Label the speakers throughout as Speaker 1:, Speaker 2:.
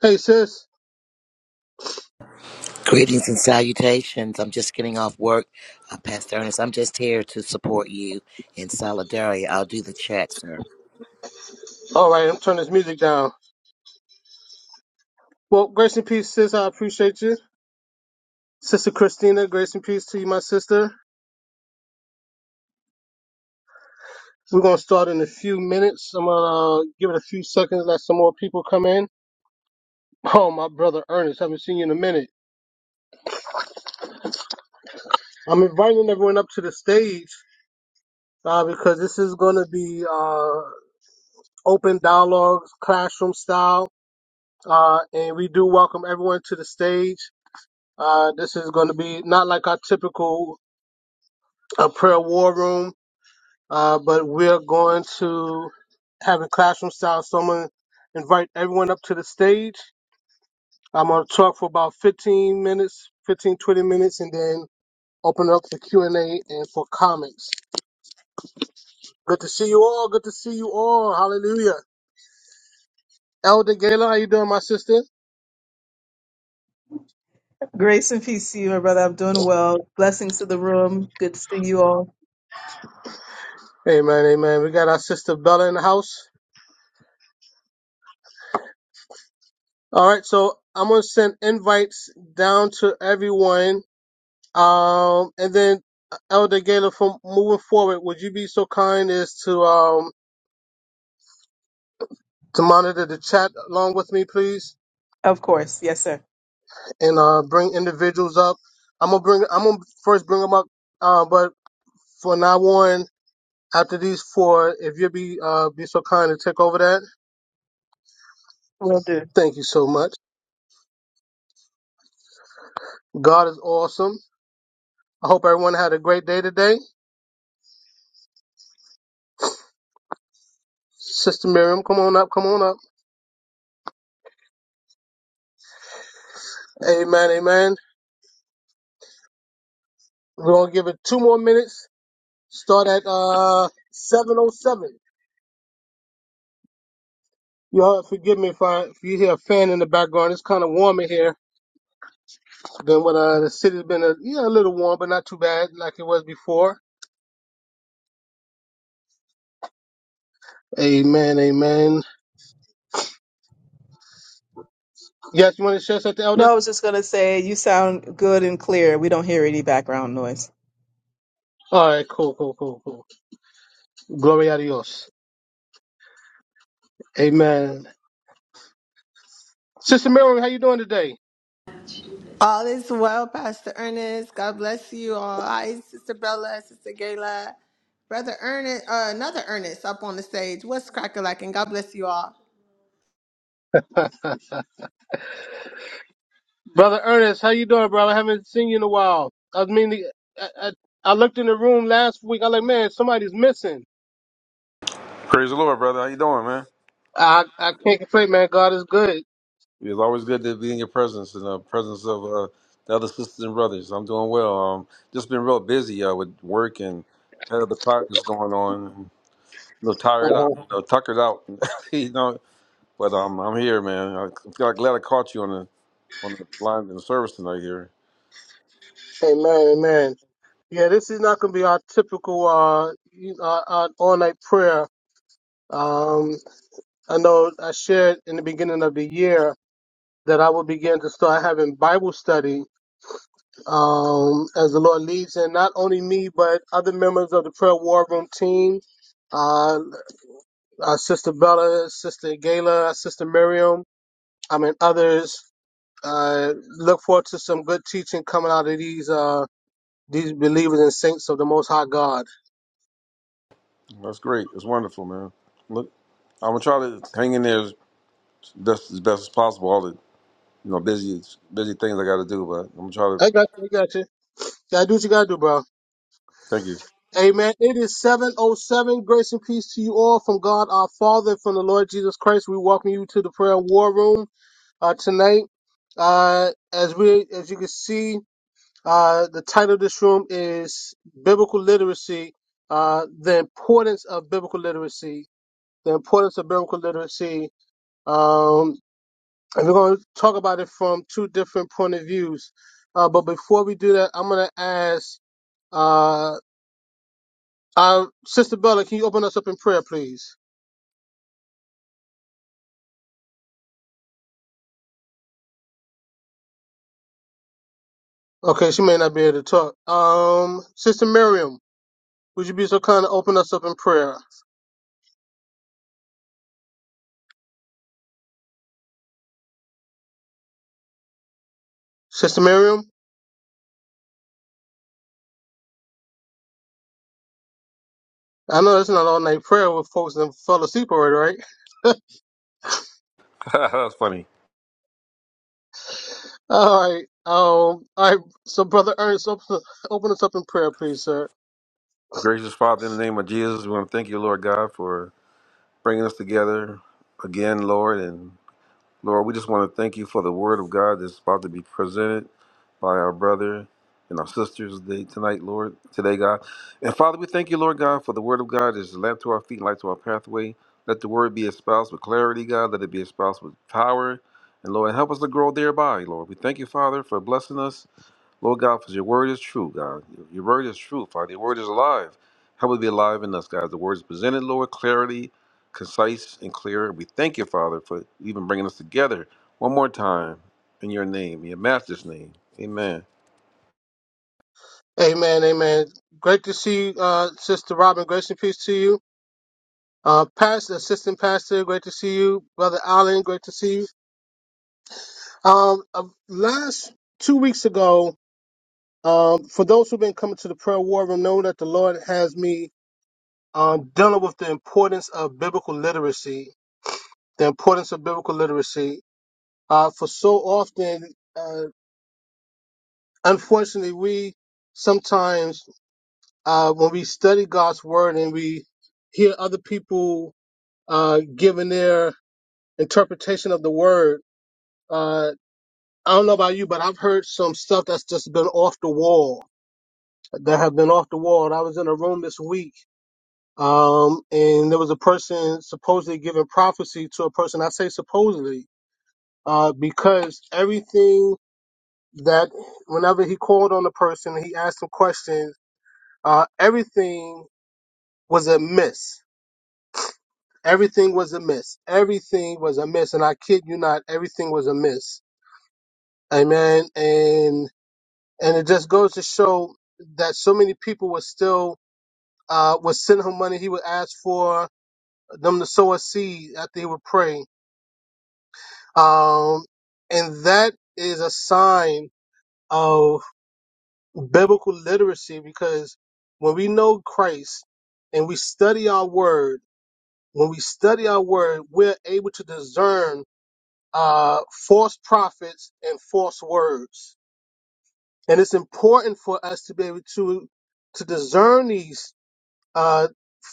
Speaker 1: Hey, sis.
Speaker 2: Greetings and salutations. I'm just getting off work, uh, Pastor Ernest. I'm just here to support you in solidarity. I'll do the chat, sir.
Speaker 1: All right, I'm turning this music down. Well, grace and peace, sis. I appreciate you. Sister Christina, grace and peace to you, my sister. We're going to start in a few minutes. I'm going to give it a few seconds, let some more people come in. Oh, my brother Ernest, haven't seen you in a minute. I'm inviting everyone up to the stage uh, because this is going to be uh, open dialogue, classroom style. Uh, and we do welcome everyone to the stage. Uh, this is going to be not like our typical uh, prayer war room uh, but we're going to have a classroom style. So I'm going to invite everyone up to the stage. I'm going to talk for about 15 minutes, 15, 20 minutes, and then open up the Q&A and A and for comments. Good to see you all. Good to see you all. Hallelujah. Elder Gala, how you doing, my sister?
Speaker 3: Grace and peace to you, my brother. I'm doing well. Blessings to the room. Good to see you all.
Speaker 1: Amen, amen. We got our sister Bella in the house. All right, so I'm going to send invites down to everyone Um, and then Elder Gaylor, from moving forward, would you be so kind as to um to monitor the chat along with me, please,
Speaker 3: Of course. Yes, sir.
Speaker 1: and uh bring individuals up. I'm gonna bring I'm gonna first bring them up, uh, but for now on, after these four, if you'd be uh be so kind to take over that,
Speaker 3: Will do.
Speaker 1: thank you so much. God is awesome. I hope everyone had a great day today. Sister Miriam, come on up, come on up. Amen, amen. We're gonna give it two more minutes. Start at uh seven oh seven. Y'all forgive me if I if you hear a fan in the background. It's kind of warm in here than what uh, the city's been. A, yeah, a little warm, but not too bad like it was before. Amen, amen. Yes, you want to share something, Elder?
Speaker 3: No, I was just going to say you sound good and clear. We don't hear any background noise.
Speaker 1: All right, cool, cool, cool, cool. Glory a Dios. Amen. Sister Miriam, how you doing today?
Speaker 4: All is well, Pastor Ernest. God bless you all. Hi, Sister Bella, Sister Gayla, Brother Ernest, uh, another Ernest up on the stage. What's crackalacking? God bless you all.
Speaker 1: brother Ernest, how you doing, brother? I haven't seen you in a while. I mean, I, I, I looked in the room last week. I like, man, somebody's missing.
Speaker 5: Praise the Lord, brother. How you doing, man?
Speaker 1: I I can't complain, man. God is good.
Speaker 5: It's always good to be in your presence and the presence of uh, the other sisters and brothers. I'm doing well. Um, just been real busy uh, with work and had other projects going on. I'm a little tired
Speaker 1: Uh-huh.
Speaker 5: out, you know, tuckered out, you know. But um, I'm here, man. I feel glad I caught you on the on the line in the service tonight. Here,
Speaker 1: Amen, amen. Yeah, this is not going to be our typical uh, you- uh, uh all night prayer. Um, I know I shared in the beginning of the year that I would begin to start having Bible study um, as the Lord leads, and not only me but other members of the prayer war room team, uh, our sister Bella, sister Gayla, sister Miriam, I mean others. Uh, look forward to some good teaching coming out of these uh, these believers and saints of the Most High God.
Speaker 5: that's great. It's wonderful, man. Look, I'm gonna try to hang in there as best as, best as possible. All the you know busy busy things I got to do, but I'm gonna try to.
Speaker 1: I got you. I got you. Gotta do what you gotta do, bro.
Speaker 5: Thank you.
Speaker 1: Amen. It is 707. Grace and peace to you all from God our Father, from the Lord Jesus Christ. We welcome you to the prayer war room uh, tonight. Uh, as we as you can see, uh, the title of this room is Biblical Literacy, uh, the importance of biblical literacy. The importance of biblical literacy. Um, and we're gonna talk about it from two different point of views. Uh, but before we do that, I'm gonna ask uh. Um, Sister Bella, can you open us up in prayer, please? Okay, she may not be able to talk. Um, Sister Miriam, would you be so kind to open us up in prayer? Sister Miriam, I know it's not all night prayer with folks that fell asleep already, right?
Speaker 5: that's funny.
Speaker 1: All right. Um, all right. So, Brother Ernest, open, open us up in prayer, please, sir.
Speaker 5: Gracious Father, in the name of Jesus, we want to thank you, Lord God, for bringing us together again, Lord. And Lord, we just want to thank you for the word of God that's about to be presented by our brother and our sisters today, tonight, Lord, today, God. And Father, we thank you, Lord God, for the word of God is a lamp to our feet and light to our pathway. Let the word be espoused with clarity, God. Let it be espoused with power. And Lord, help us to grow thereby, Lord. We thank you, Father, for blessing us Lord God, for your word is true, God. Your your word is true, Father. Your word is alive. Help it be alive in us, God. The word is presented, Lord, clarity, concise, and clear. We thank you, Father, for even bringing us together one more time in your name, in your master's name. Amen.
Speaker 1: Amen. Amen. Great to see you, uh, Sister Robin. Grace and peace to you. Uh, Pastor, Assistant Pastor, great to see you. Brother Allen, great to see you. Um, uh, last two weeks ago, Um, for those who've been coming to the prayer war room, know that the Lord has me um, dealing with the importance of biblical literacy. The importance of biblical literacy. Uh, for so often, uh, unfortunately, we sometimes uh, when we study God's word and we hear other people uh, giving their interpretation of the word, uh, I don't know about you, but I've heard some stuff that's just been off the wall. That have been off the wall. And I was in a room this week Um, and there was a person supposedly giving prophecy to a person. I say supposedly, uh, because everything that whenever he called on the person, he asked them questions. Uh, everything was a miss. Everything was a miss. Everything was a miss. And I kid you not, everything was a miss. Amen. And and it just goes to show that so many people were still uh, was sending him money he would ask for them to sow a seed after he would pray Um, and that is a sign of biblical literacy because when we know Christ and we study our word, when we study our word, we're able to discern uh, false prophets and false words. And it's important for us to be able to to discern these uh,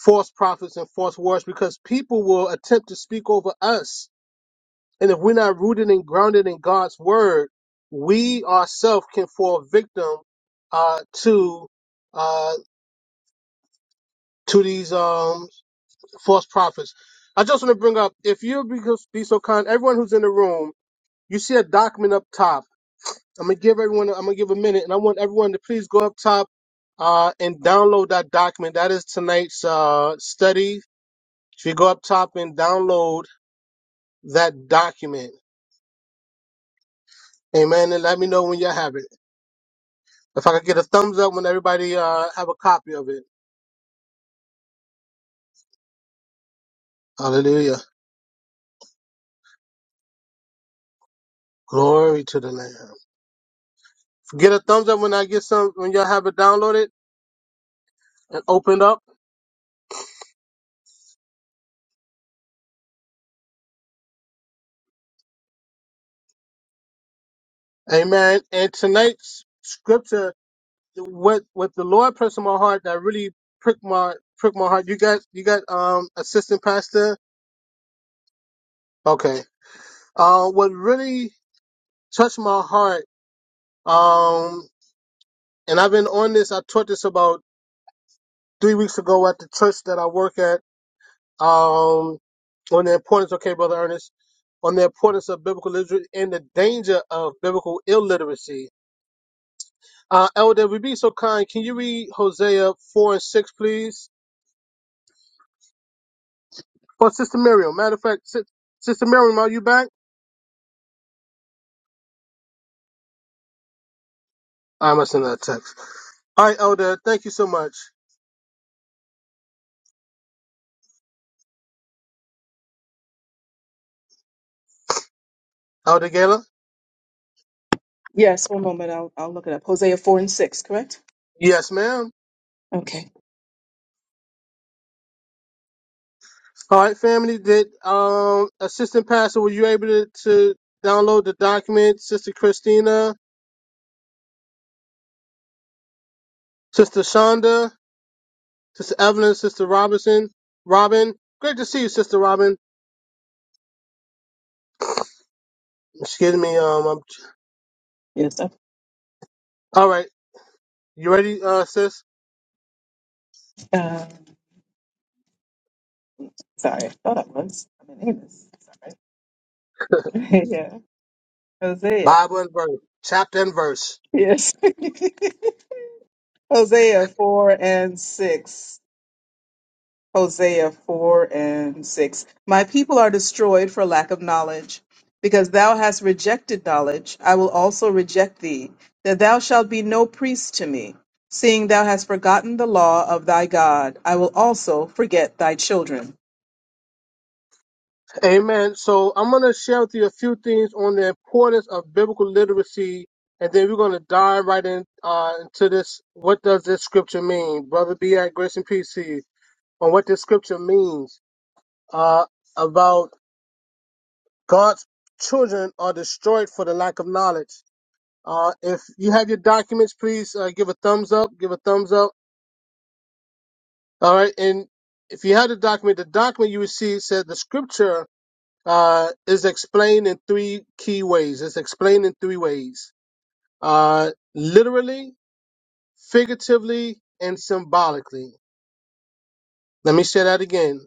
Speaker 1: false prophets and false words because people will attempt to speak over us And if we're not rooted and grounded in God's word, we ourselves can fall victim uh, to uh, to these um, false prophets. I just want to bring up, if you be, so, be so kind, everyone who's in the room, you see a document up top. I'm gonna give everyone, I'm gonna give a minute, and I want everyone to please go up top uh, and download that document. That is tonight's uh, study. If you go up top and download that document, amen, and let me know when you have it. If I could get a thumbs up when everybody uh, have a copy of it. Hallelujah. Glory to the Lamb. Get a thumbs up when I get some when y'all have it downloaded and opened up. Amen. And tonight's scripture, what what the Lord pressed on my heart that really pricked my pricked my heart. You got you got um assistant pastor. Okay. Uh, what really touched my heart. Um, and I've been on this. I taught this about three weeks ago at the church that I work at um, on the importance, okay, Brother Ernest, on the importance of biblical literacy and the danger of biblical illiteracy. Uh, Elder, if you be so kind, can you read Hosea 4 and 6, please? For Sister Miriam. Matter of fact, Sis- Sister Miriam, are you back? I must send her a text. All right, Elder, thank you so much. Elder Gala?
Speaker 3: Yes, one moment. I'll, I'll look it up. Hosea 4 and 6, correct?
Speaker 1: Yes, ma'am.
Speaker 3: Okay.
Speaker 1: All right, family, did um, Assistant Pastor, were you able to, to download the document? Sister Christina, Sister Shonda? Sister Evelyn, Sister Robinson, Robin. Great to see you, Sister Robin. Excuse me. Um. I'm,
Speaker 3: Yes. I-
Speaker 1: all right. You ready, uh, sis?
Speaker 3: Uh, sorry. I thought I was. I'm in Amos. Sorry. yeah. Hosea.
Speaker 1: Bible and verse, chapter and verse.
Speaker 3: Yes. Hosea 4 and 6. Hosea 4 and 6. My people are destroyed for lack of knowledge. Because thou hast rejected knowledge, I will also reject thee, that thou shalt be no priest to me. Seeing thou hast forgotten the law of thy God, I will also forget thy children.
Speaker 1: Amen. So I'm gonna share with you a few things on the importance of biblical literacy, and then we're gonna dive right in uh, into this. What does this scripture mean, brother? Be at grace and peace to you on what this scripture means uh, about God's children are destroyed for the lack of knowledge. Uh, if you have your documents, please uh, give a thumbs up. Give a thumbs up. All right. And if you have the document, the document you received said the scripture uh, is explained in three key ways. It's explained in three ways uh, literally, figuratively, and symbolically. Let me say that again.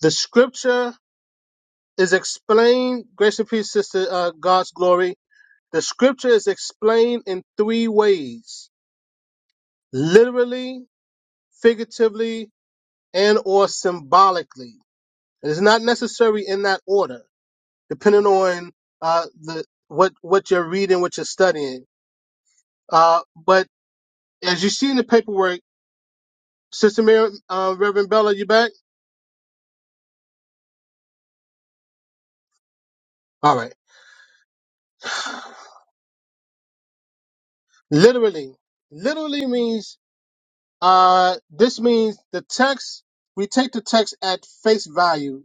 Speaker 1: The scripture is explained, grace and peace, sister, uh, God's glory. The scripture is explained in three ways literally, figuratively, and or symbolically. It is not necessary in that order, depending on uh, the what what you're reading, what you're studying. Uh, but as you see in the paperwork, Sister Mary, uh, Reverend Bella, you back? All right. Literally, literally means uh, this means the text. We take the text at face value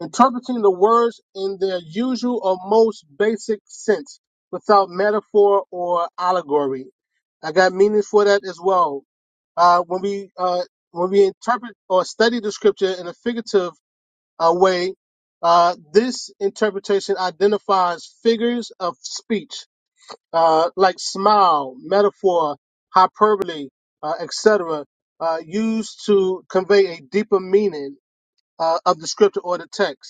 Speaker 1: interpreting the words in their usual or most basic sense without metaphor or allegory. I got meanings for that as well. Uh, when we uh, when we interpret or study the scripture in a figurative uh, way, uh, this interpretation identifies figures of speech uh, like smile, metaphor, hyperbole, uh, etc., uh, used to convey a deeper meaning uh, of the scripture or the text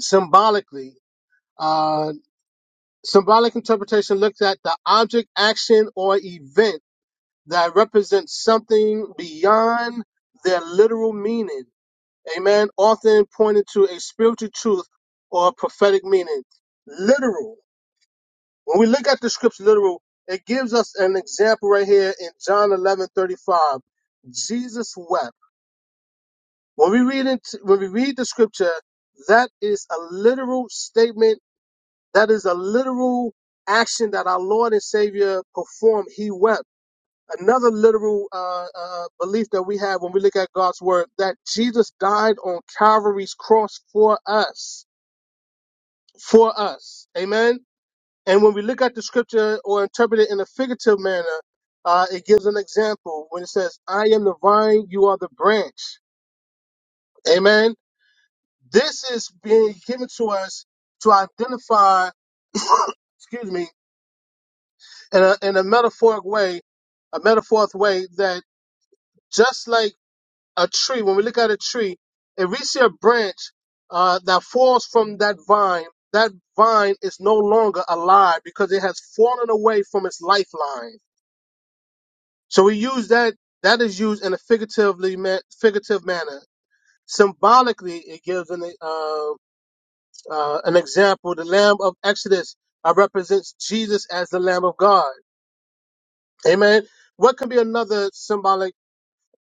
Speaker 1: symbolically. Uh, symbolic interpretation looks at the object, action, or event that represents something beyond their literal meaning. Amen. Often pointed to a spiritual truth or prophetic meaning. Literal. When we look at the scripture literal, it gives us an example right here in John eleven thirty five. Jesus wept. When we read it, when we read the scripture, that is a literal statement That is a literal action that our Lord and Savior performed. He wept. Another literal uh, uh, belief that we have when we look at God's word that Jesus died on Calvary's cross for us. For us. Amen. And when we look at the scripture or interpret it in a figurative manner, uh, it gives an example when it says, I am the vine, you are the branch. Amen. This is being given to us to identify, excuse me, in a, in a metaphoric way, a metaphoric way that just like a tree, when we look at a tree, if we see a branch uh, that falls from that vine, that vine is no longer alive because it has fallen away from its lifeline. So we use that. That is used in a figuratively ma- figurative manner. Symbolically, it gives an uh, uh, an example. The Lamb of Exodus uh, represents Jesus as the Lamb of God. Amen. What can be another symbolic?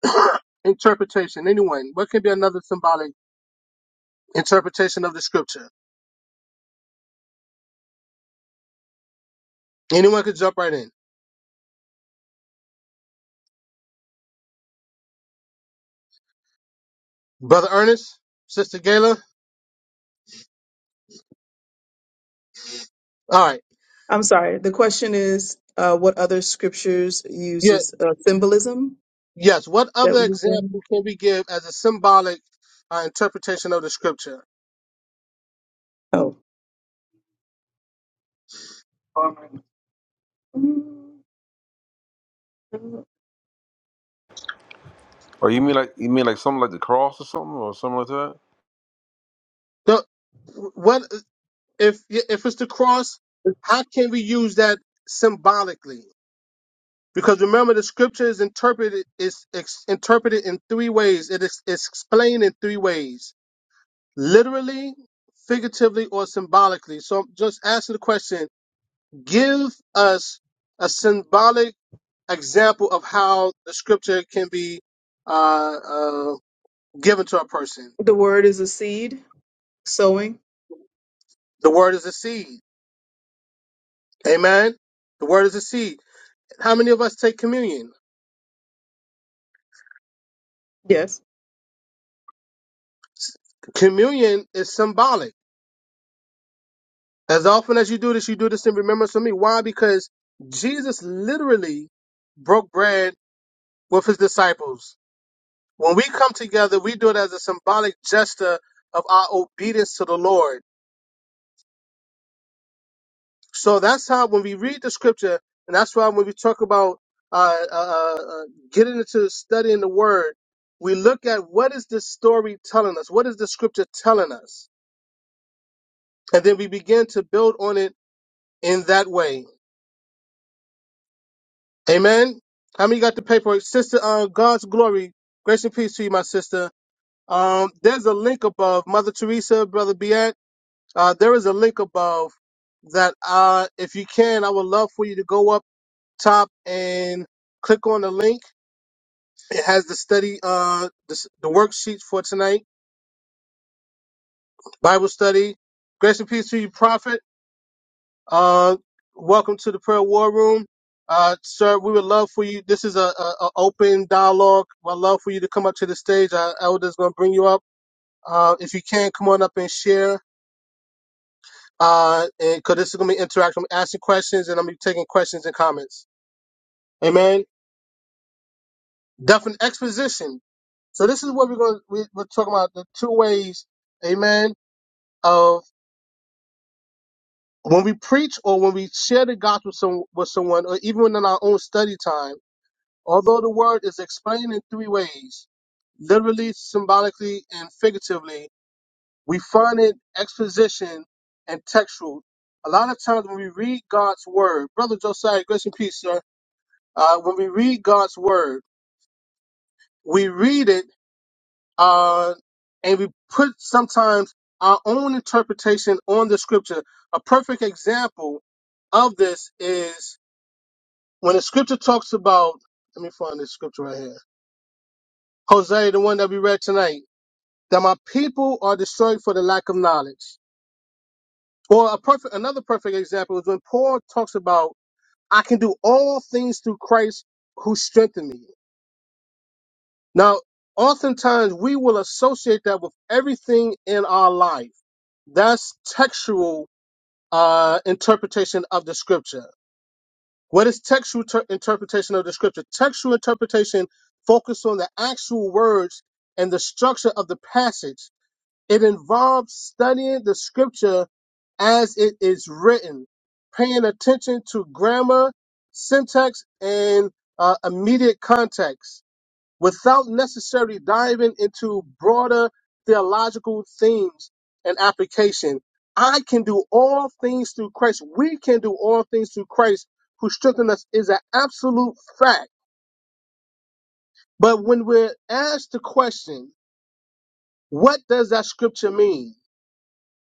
Speaker 1: interpretation. Anyone, what can be another symbolic interpretation of the scripture? Anyone could jump right in. Brother Ernest, Sister Gayla. All right.
Speaker 3: I'm sorry. The question is uh, what other scriptures
Speaker 1: Yeah.
Speaker 3: uses uh, symbolism
Speaker 1: Yes. What
Speaker 3: that
Speaker 1: other
Speaker 3: we've been.
Speaker 1: example can we give as a symbolic uh, interpretation of the scripture?
Speaker 3: Oh.
Speaker 5: Or you mean like you mean like something like the cross or something or something like that?
Speaker 1: The, what if if it's the cross? How can we use that symbolically? Because remember, the scripture is interpreted is ex, interpreted in three ways. It is it's explained in three ways. literally, figuratively, or symbolically. So I'm just asking the question, give us a symbolic example of how the scripture can be uh, uh, given to a person.
Speaker 3: The word is a seed, sowing.
Speaker 1: The word is a seed. Amen. The word is a seed. How many of us take communion?
Speaker 3: Yes.
Speaker 1: S- Communion is symbolic. As often as you do this, you do this in remembrance of me. Why? Because Jesus literally broke bread with his disciples When we come together, we do it as a symbolic gesture of our obedience to the Lord. So that's how when we read the scripture, and that's why when we talk about uh, uh, uh, uh, getting into studying the Word, we look at what is the story telling us, what is the scripture telling us, and then we begin to build on it in that way. Amen. How many got the paperwork, sister? Uh, God's glory, grace and peace to you, my sister. Um, there's a link above, Mother Teresa, Brother Biat. Uh, there is a link above that uh, if you can, I would love for you to go up top and click on the link. It has the study, uh, the, s- the worksheets for tonight, Bible study. Grace and peace to you, Prophet. Uh, welcome to the prayer war room. Uh, sir, we would love for you. This is a, a, a open dialogue. I'd love for you to come up to the stage. Our elder's going to bring you up. Uh, if you can, come on up and share. Uh, and cause this is going to be interactive, I'm asking questions and I'm going to be taking questions and comments. Amen. Definite exposition. So this is what we're going. to, We, we're talking about the two ways. Amen. Of when we preach or when we share the gospel some, with someone, or even in our own study time. Although the word is explained in three ways, literally, symbolically, and figuratively, we find it exposition and textual. A lot of times when we read God's word, brother Josiah, grace and peace, sir. Uh, when we read God's word, we read it uh, and we put sometimes our own interpretation on the scripture. A perfect example of this is when the scripture talks about, let me find this scripture right here. Hosea, the one that we read tonight, that my people are destroyed for the lack of knowledge. Or a perfect, another perfect example is when Paul talks about, I can do all things through Christ who strengthened me. Now, oftentimes we will associate that with everything in our life. That's textual uh, interpretation of the scripture. What is textual ter- interpretation of the scripture? Textual interpretation focuses on the actual words and the structure of the passage. It involves studying the scripture as it is written, paying attention to grammar, syntax, and uh, immediate context without necessarily diving into broader theological themes and application. I can do all things through Christ. We can do all things through Christ who strengthens us is an absolute fact. But when we're asked the question, what does that scripture mean?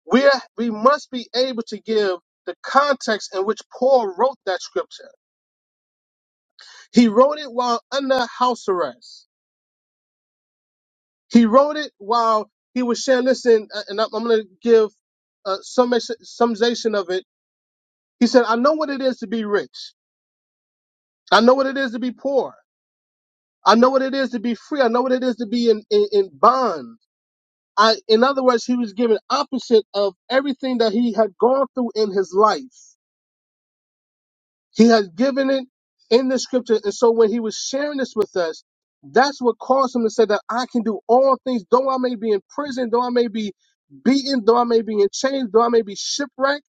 Speaker 1: We're, we must be able to give the context in which Paul wrote that scripture. He wrote it while under house arrest. He wrote it while he was sharing. Listen, uh, and I'm, I'm going to give uh, some summation of it. He said, "I know what it is to be rich. I know what it is to be poor. I know what it is to be free. I know what it is to be in in, in bond." I, in other words, he was given opposite of everything that he had gone through in his life. He has given it in the scripture. And so when he was sharing this with us, that's what caused him to say that I can do all things, though I may be in prison, though I may be beaten, though I may be in chains, though I may be shipwrecked.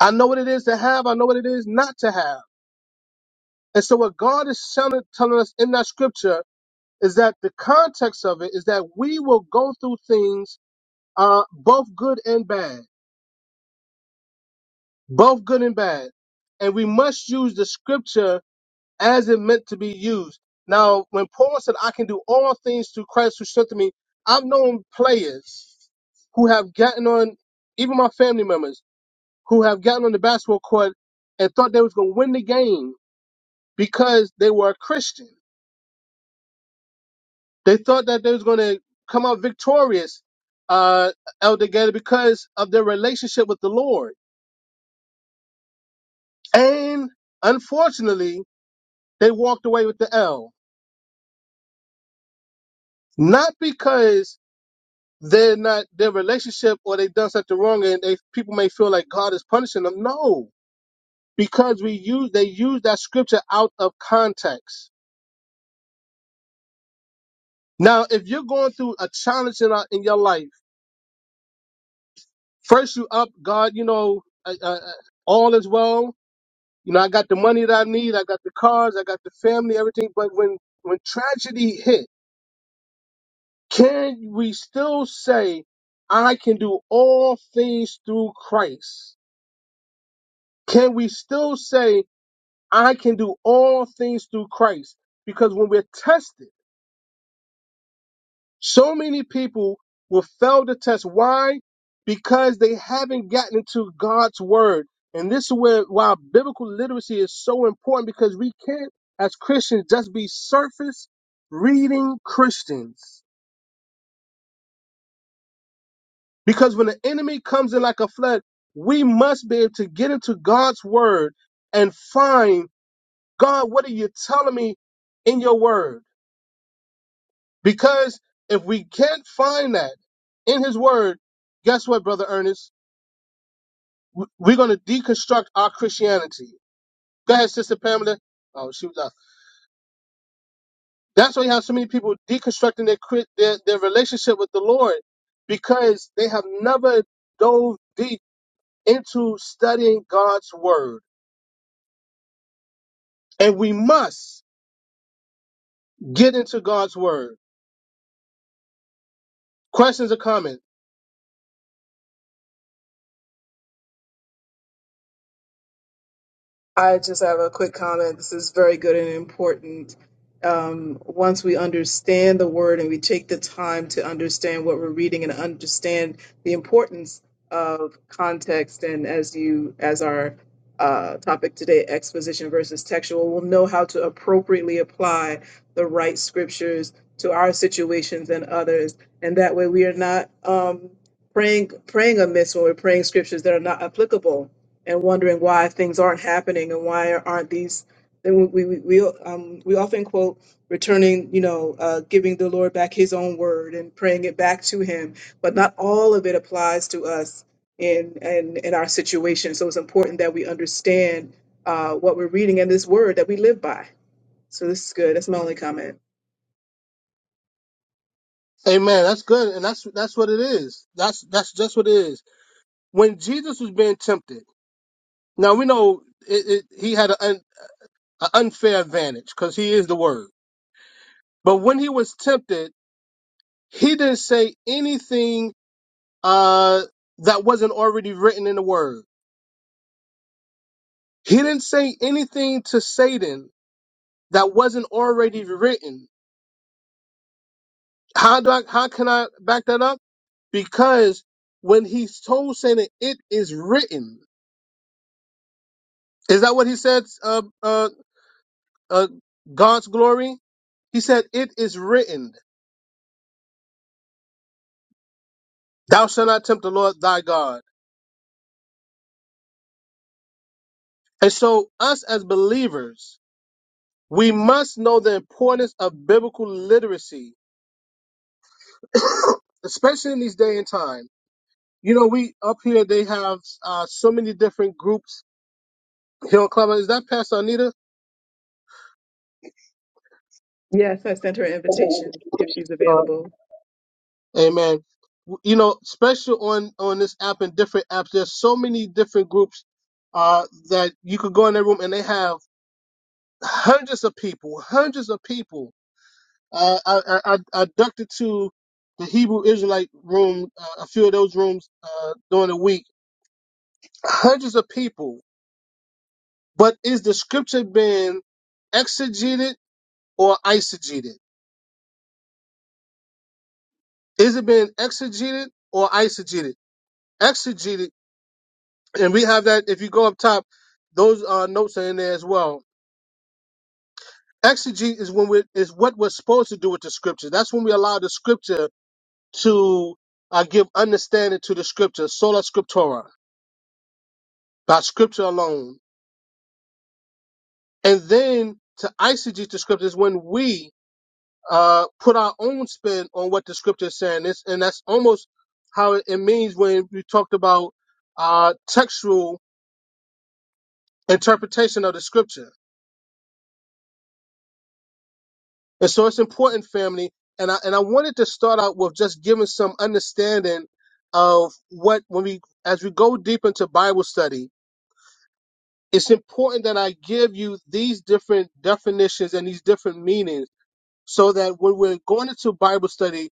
Speaker 1: I know what it is to have, I know what it is not to have. And so what God is telling, telling us in that scripture is that the context of it is that we will go through things, uh, both good and bad, both good and bad. And we must use the scripture as it meant to be used. Now, when Paul said, I can do all things through Christ who strengthened me, I've known players who have gotten on, even my family members, who have gotten on the basketball court and thought they was going to win the game because they were a Christian. They thought that they was going to come out victorious, uh, out together because of their relationship with the Lord. And unfortunately, they walked away with the L. Not because they're not their relationship or they've done something wrong and they people may feel like God is punishing them. No, because we use they use that scripture out of context. Now, if you're going through a challenge in, our- in your life, first you up God, you know, uh, uh, uh, all is well. You know, I got the money that I need, I got the cars, I got the family, everything. But when when tragedy hit, can we still say, I can do all things through Christ? Can we still say I can do all things through Christ. Because when we're tested, so many people will fail the test. Why? Because they haven't gotten into God's word. And this is where why biblical literacy is so important because we can't, as Christians, just be surface reading Christians. Because when the enemy comes in like a flood, we must be able to get into God's word and find God, what are you telling me in your word? Because if we can't find that in his word, guess what, Brother Ernest? W- We're going to deconstruct our Christianity. Go ahead, Sister Pamela. Oh, she was out. That's why you have so many people deconstructing their, cri- their, their relationship with the Lord because they have never dove deep into studying God's word. And we must get into God's word. Questions or comments?
Speaker 3: I just have a quick comment. This is very good and important. Um, once we understand the word and we take the time to understand what we're reading and understand the importance of context, and as you, as our uh, topic today, exposition versus textual, we'll know how to appropriately apply the right scriptures to our situations and others, and that way we are not um, praying praying amiss when we're praying scriptures that are not applicable and wondering why things aren't happening and why aren't these then we we we, um, we often quote returning you know uh, giving the lord back his own word and praying it back to him but not all of it applies to us in in, in our situation so it's important that we understand uh, what we're reading in this word that we live by so this is good that's my only comment
Speaker 1: Amen. That's good. And that's, that's what it is. That's, that's just what it is. When Jesus was being tempted, Now we know it, it, he had an un, a unfair advantage because he is the word. But when he was tempted, he didn't say anything uh, that wasn't already written in the word. He didn't say anything to Satan that wasn't already written. How do I, how can I back that up? Because when he told Satan, "It is written," is that what he said? Uh, uh, uh, God's glory. He said, "It is written. Thou shalt not tempt the Lord thy God." And so, us as believers, we must know the importance of biblical literacy, especially in these day and time. You know, we up here they have uh, so many different groups here on Clubhouse. Is that Pastor Anita?
Speaker 3: yes i sent her an invitation if she's
Speaker 1: Uh,
Speaker 3: available
Speaker 1: amen. You know, special on on this app and different apps. There's so many different groups uh, that you could go in their room and they have hundreds of people, hundreds of people I, I, I, I ducked to the Hebrew Israelite room, uh, a few of those rooms uh, during the week. Hundreds of people. But is the scripture being exegeted or eisegeted? Is it being exegeted or eisegeted? Exegeted, and we have that. If you go up top, those uh, notes are in there as well. Exegete is when we is what we're supposed to do with the scripture. That's when we allow the scripture to uh, give understanding to the scripture, sola scriptura by scripture alone. And then to eisegete the scriptures when we uh, put our own spin on what the scripture is saying. It's, and that's almost how it means when we talked about uh, textual interpretation of the scripture. And so it's important, family. And I, and I wanted to start out with just giving some understanding of what, when we, as we go deep into Bible study, it's important that I give you these different definitions and these different meanings so that when we're going into Bible study,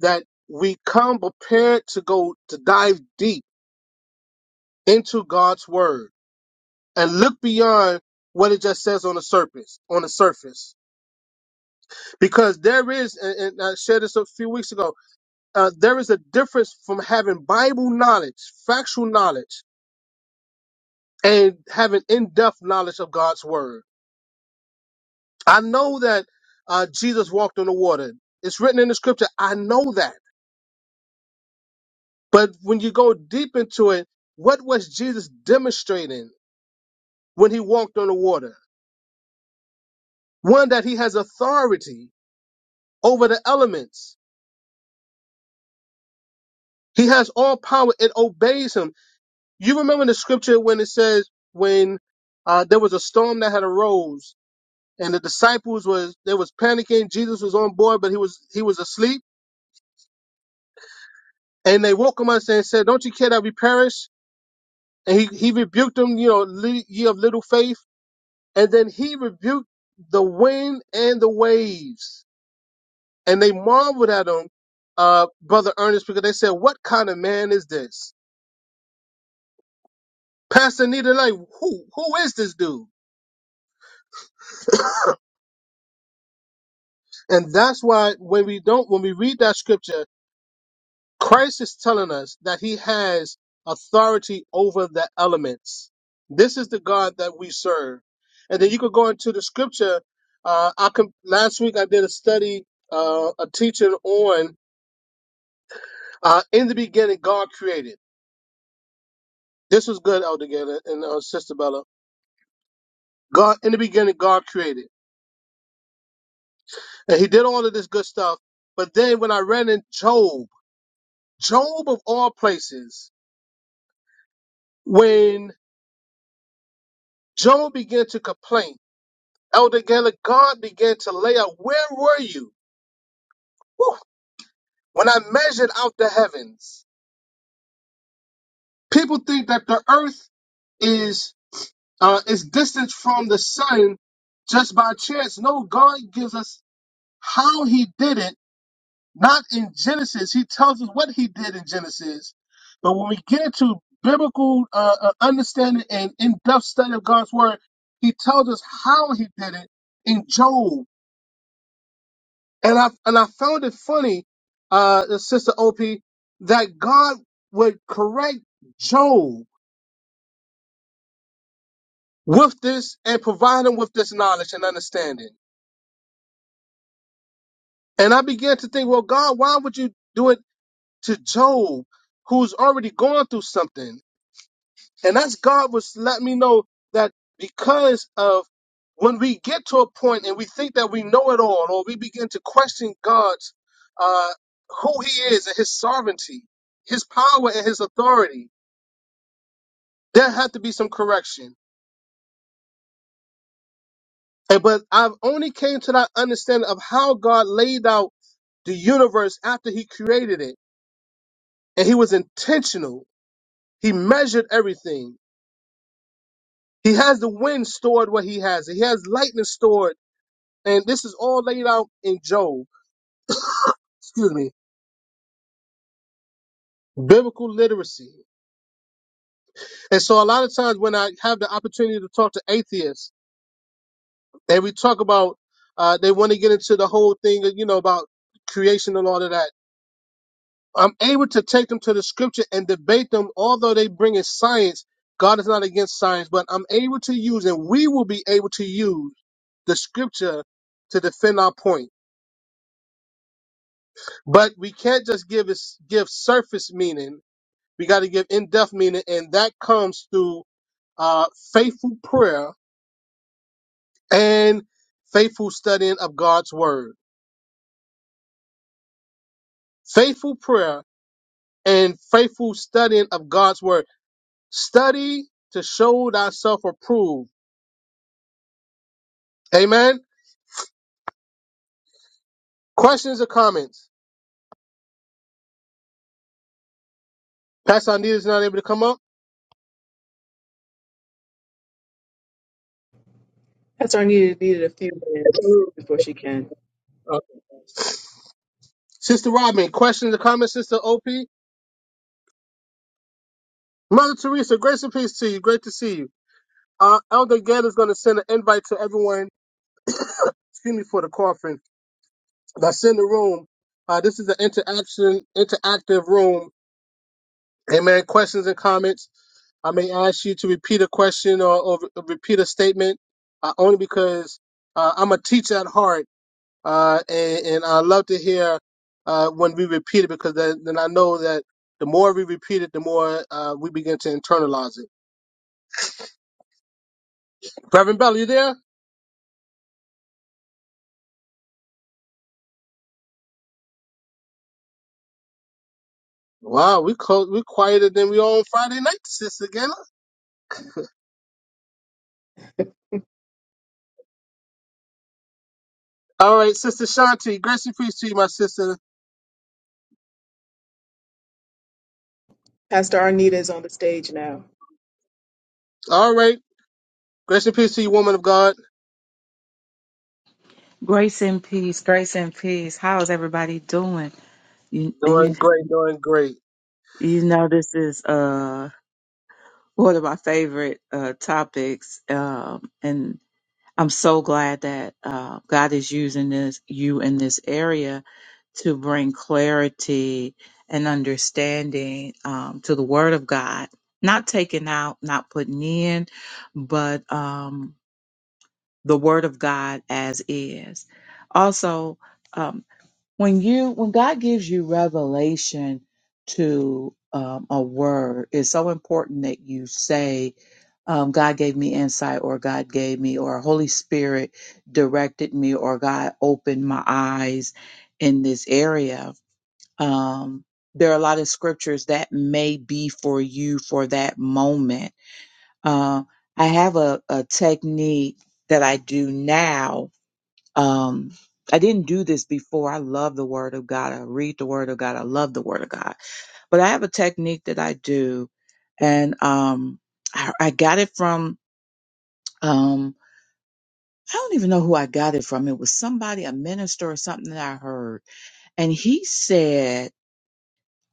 Speaker 1: that we come prepared to go to dive deep into God's word and look beyond what it just says on the surface, on the surface, because there is, and, and I shared this a few weeks ago, uh, there is a difference from having Bible knowledge, factual knowledge, and having in-depth knowledge of God's word. I know that uh, Jesus walked on the water. It's written in the scripture. I know that. But when you go deep into it, what was Jesus demonstrating when he walked on the water? One, that he has authority over the elements. He has all power. It obeys him. You remember the scripture when it says when uh, there was a storm that had arose and the disciples was they was panicking. Jesus was on board, but he was he was asleep. And they woke him up and said, "Don't you care that we perish?" And he, he rebuked them, you know, "Li- ye of little faith. And then he rebuked the wind and the waves. And they marveled at him, uh, Brother Ernest, because they said, What kind of man is this? Pastor Nita, like, who, who is this dude? And that's why when we don't, when we read that scripture, Christ is telling us that he has authority over the elements. This is the God that we serve. And then you could go into the scripture. Uh, I com- last week I did a study, uh, a teaching on Uh, in the beginning, God created. This was good, Elder Gator and uh, Sister Bella. God, in the beginning, God created, and He did all of this good stuff. But then, when I ran in Job, Job of all places, when Job began to complain, Elder Gator, God began to lay out, "Where were you Whew. when I measured out the heavens?" People think that the earth is uh, is distant from the sun just by chance. No, God gives us how He did it Not in Genesis. He tells us what he did in Genesis. But when we get into biblical uh, uh, understanding and in depth study of God's word, he tells us how he did it in Job. And I, and I found it funny, uh, Sister Opie, that God would correct Job with this and provide him with this knowledge and understanding. And I began to think, well, God, why would you do it to Job, who's already going through something? And that's God was letting me know that because of when we get to a point and we think that we know it all, or we begin to question God's uh, who He is and His sovereignty, His power and His authority, there had to be some correction. And but I've only came to that understanding of how God laid out the universe after He created it, and He was intentional. He measured everything. He has the wind stored where He has it. He has lightning stored And this is all laid out in Job, excuse me, biblical literacy. And so a lot of times when I have the opportunity to talk to atheists and we talk about, uh, they want to get into the whole thing, uh, you know, about creation and all of that. I'm able to take them to the scripture and debate them, although they bring in science. God is not against science, but I'm able to use and we will be able to use the scripture to defend our point. But we can't just give us give surface meaning We got to give in depth meaning, and that comes through uh, faithful prayer and faithful studying of God's word. Faithful prayer and faithful studying of God's word. Study to show thyself approved. Amen. Questions or comments? Pastor Anita is not able to come up.
Speaker 3: pastor arnita needed a few minutes before she can
Speaker 1: Uh, Sister Robin, questions or comments, Sister OP? Mother Teresa, grace and peace to you. Great to see you. Uh, Elder Gadd is going to send an invite to everyone. Excuse me for the coughing that's in the room. Uh, this is an interaction, interactive room. Amen. Questions and comments. I may ask you to repeat a question or, or repeat a statement, uh, only because uh, I'm a teacher at heart, uh, and, and I love to hear uh, when we repeat it because then, then I know that the more we repeat it, the more uh, we begin to internalize it. Reverend Bell, you there? Wow, we close, we quieter than we are on Friday night, Sister Gayla. All right, Sister Shanti, grace and peace to you, my sister.
Speaker 3: pastor arnita is on the stage now
Speaker 1: All right. Grace and peace to you, woman of God.
Speaker 6: Grace and peace, grace and peace. How is everybody doing? You
Speaker 1: Doing
Speaker 6: you
Speaker 1: great, doing great.
Speaker 6: you know this is uh one of my favorite uh topics. Um and I'm so glad that uh God is using this you in this area to bring clarity and understanding um to the word of God. Not taking out, not putting in, but um the word of God as is. Also, um, when you when God gives you revelation to um, a word, it's so important that you say, um, "God gave me insight," or "God gave me," or "Holy Spirit directed me," or "God opened my eyes in this area." Um, there are a lot of scriptures that may be for you for that moment. Uh, I have a, a technique that I do now um, I didn't do this before. I love the Word of God. I read the Word of God. I love the Word of God. But I have a technique that I do, and um, I, I got it from um, I don't even know who I got it from. It was somebody, a minister or something that I heard, and he said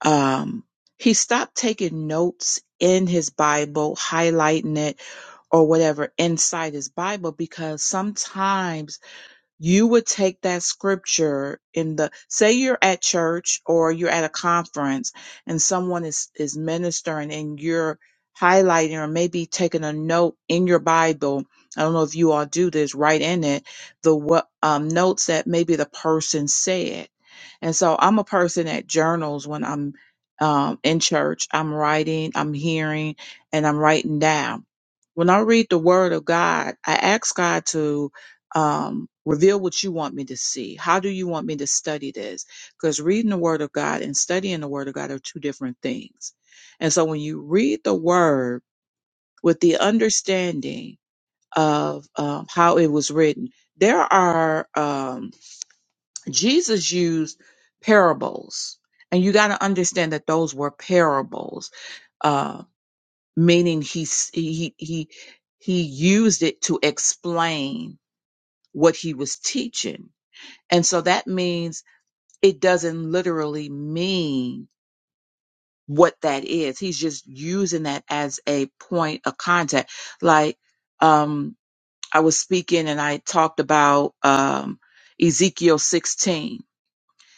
Speaker 6: um, he stopped taking notes in his Bible, highlighting it or whatever inside his Bible because sometimes you would take that scripture in the say you're at church or you're at a conference and someone is is ministering and you're highlighting or maybe taking a note in your bible i don't know if you all do this write in it the what um, notes that maybe the person said and so i'm a person that journals when i'm um, in church i'm writing i'm hearing and i'm writing down when i read the word of god i ask god to um, reveal what you want me to see. How do you want me to study this? Because reading the Word of God and studying the Word of God are two different things. And so when you read the Word with the understanding of um, how it was written, there are, um, Jesus used parables. And you got to understand that those were parables, uh, meaning he, s- he, he, he used it to explain what he was teaching and so that means it doesn't literally mean what that is. He's just using that as a point of contact. Like, um, I was speaking and I talked about, um, Ezekiel 16.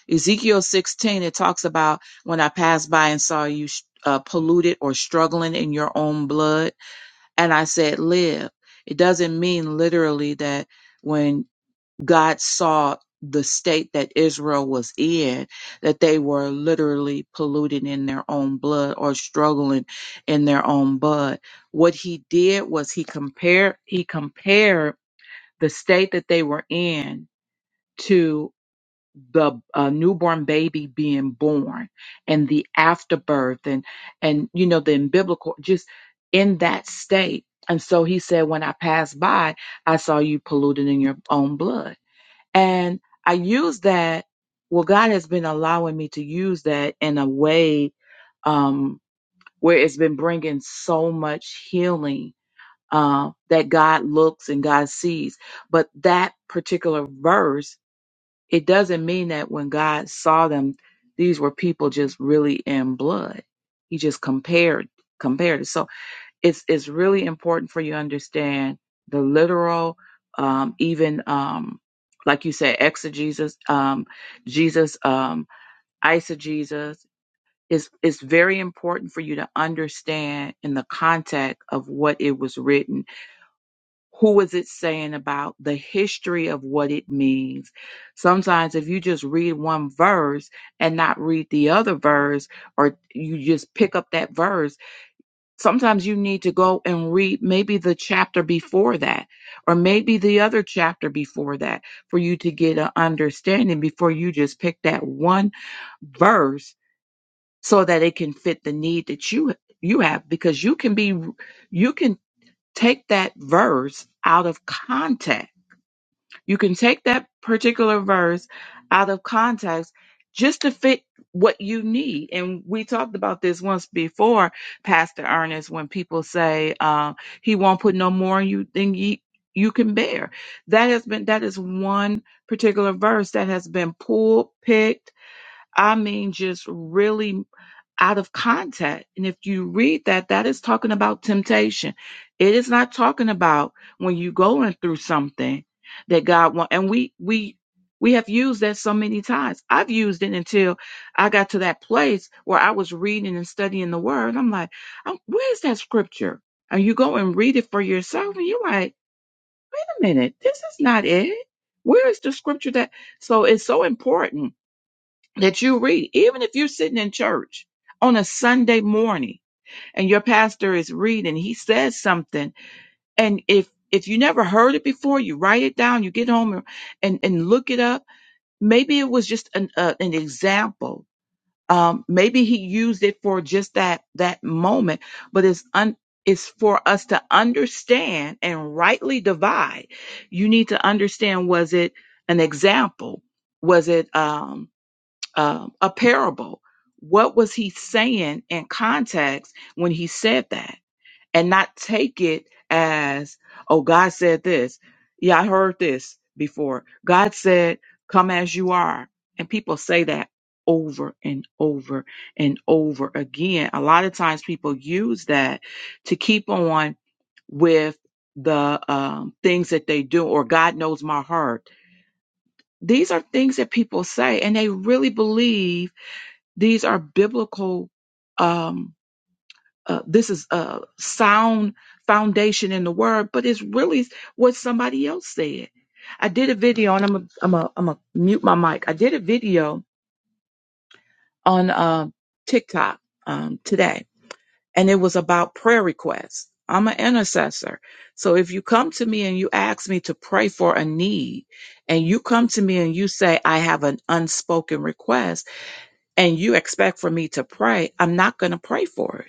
Speaker 6: Ezekiel 16, it talks about when I passed by and saw you uh, polluted or struggling in your own blood. And I said, live. It doesn't mean literally that when. God saw the state that Israel was in, that they were literally polluted in their own blood or struggling in their own blood. What he did was he compared he compared the state that they were in to the uh, newborn baby being born and the afterbirth and and you know the in biblical just in that state. And so he said, when I passed by, I saw you polluted in your own blood and I use that. Well, God has been allowing me to use that in a way um, where it's been bringing so much healing uh, that God looks and God sees. But that particular verse, it doesn't mean that when God saw them, these were people just really in blood. He just compared compared it. So it's it's really important for you to understand the literal, um, even um, like you said, exegesis, um, Jesus, um, eisegesis. It's it's very important for you to understand in the context of what it was written. Who is it saying about the history of what it means? Sometimes, if you just read one verse and not read the other verse, or you just pick up that verse sometimes you need to go and read maybe the chapter before that or maybe the other chapter before that for you to get an understanding before you just pick that one verse so that it can fit the need that you you have because you can be you can take that verse out of context you can take that particular verse out of context just to fit what you need. And we talked about this once before, Pastor Ernest, when people say uh, he won't put no more on you than ye, you can bear. That has been that is one particular verse that has been pulled, picked. I mean, just really out of contact. And if you read that, that is talking about temptation. It is not talking about when you are going through something that God wants. And we we we have used that so many times. I've used it until I got to that place where I was reading and studying the Word. I'm like, um, where is that scripture? And you go and read it for yourself, and you're like, wait a minute, this is not it. Where is the scripture that? So it's so important that you read, even if you're sitting in church on a Sunday morning and your pastor is reading, he says something. And if, if you never heard it before, you write it down, you get home and, and look it up. Maybe it was just an, uh, an example. Um, maybe he used it for just that, that moment, but it's un, it's for us to understand and rightly divide. You need to understand, was it an example? Was it, um um, a parable. What was he saying in context when he said that? And not take it as, oh, God said this. Yeah, I heard this before. God said, come as you are. And people say that over and over and over again. A lot of times people use that to keep on with the um, things that they do or God knows my heart. These are things that people say and they really believe these are biblical. Um, uh, this is a sound foundation in the word, but it's really what somebody else said. I did a video, and I'm a, I'm a, I'm a mute my mic. I did a video on uh, TikTok um, today, and it was about prayer requests. I'm an intercessor, so if you come to me and you ask me to pray for a need, and you come to me and you say I have an unspoken request, and you expect for me to pray, I'm not going to pray for it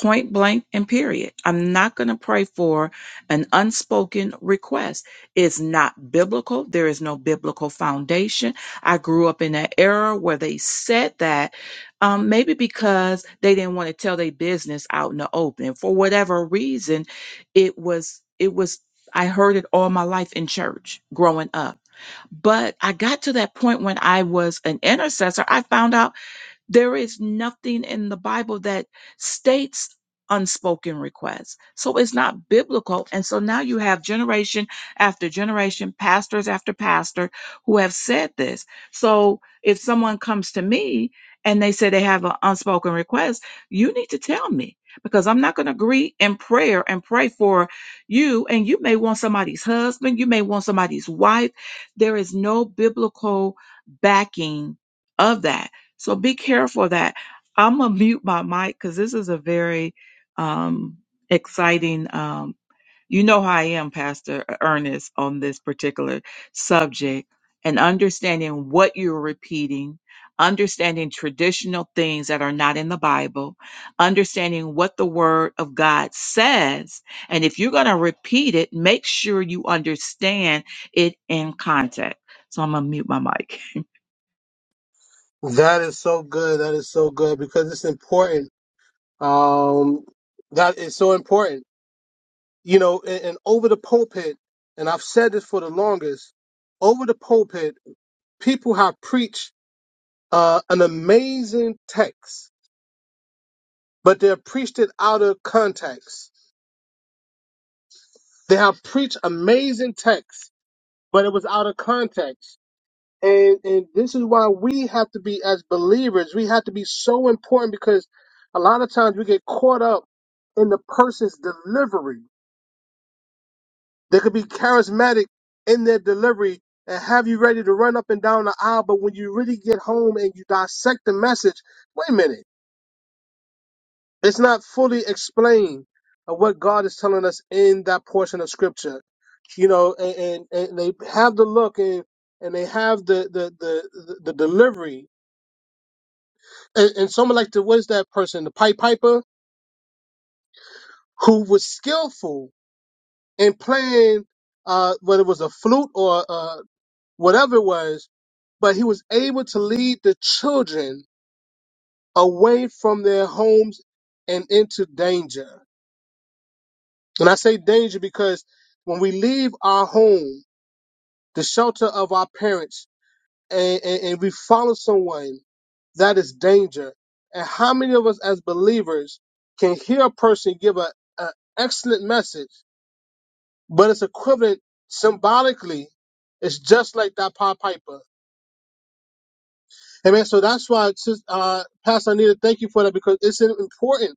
Speaker 6: point blank and period. I'm not going to pray for an unspoken request. It's not biblical. There is no biblical foundation. I grew up in an era where they said that um, maybe because they didn't want to tell their business out in the open. For whatever reason, it was, it was, I heard it all my life in church growing up. But I got to that point when I was an intercessor. I found out there is nothing in the Bible that states unspoken requests. So it's not biblical. And so now you have generation after generation, pastors after pastor who have said this. So if someone comes to me and they say they have an unspoken request, you need to tell me because I'm not going to agree in prayer and pray for you. And you may want somebody's husband, you may want somebody's wife. There is no biblical backing of that. So be careful of that. I'm gonna mute my mic because this is a very um, exciting. Um, you know how I am, Pastor E-, Ernest, on this particular subject and understanding what you're repeating, understanding traditional things that are not in the Bible, understanding what the Word of God says. And if you're gonna repeat it, make sure you understand it in context. So I'm gonna mute my mic.
Speaker 1: That is so good. That is so good because it's important. Um, that is so important. You know, and, and over the pulpit, and I've said this for the longest, over the pulpit, people have preached uh, an amazing text, but they have preached it out of context. They have preached amazing text, but it was out of context. And and this is why we have to be as believers, we have to be so important because a lot of times we get caught up in the person's delivery. They could be charismatic in their delivery and have you ready to run up and down the aisle, but when you really get home and you dissect the message, wait a minute, it's not fully explained of what God is telling us in that portion of scripture. You know, and, and, and they have the look and, and they have the, the, the, the, the delivery and, and someone like the what is that person, the pipe piper, who was skillful in playing, uh, whether it was a flute or uh, whatever it was, but he was able to lead the children away from their homes and into danger. And I say danger because when we leave our home, the shelter of our parents, and, and, and we follow someone, that is danger. And how many of us as believers can hear a person give a an excellent message, but it's equivalent symbolically. It's just like that Pied Piper. Amen. So that's why, sis- uh, Pastor Anita, thank you for that because it's important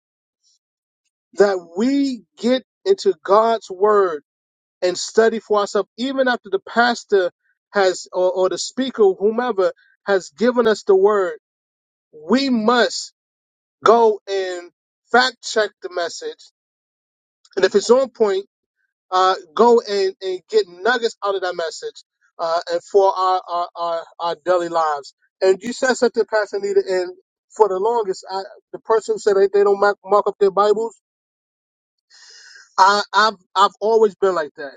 Speaker 1: that we get into God's word and study for ourselves, even after the pastor has or, or the speaker, whomever has given us the word. We must go and fact check the message. And if it's on point, uh, go and, and get nuggets out of that message uh, and for our, our, our, our daily lives. And you said something, Pastor Anita, and for the longest, I, the person who said they, they don't mark, mark up their Bibles, I, I've, I've always been like that.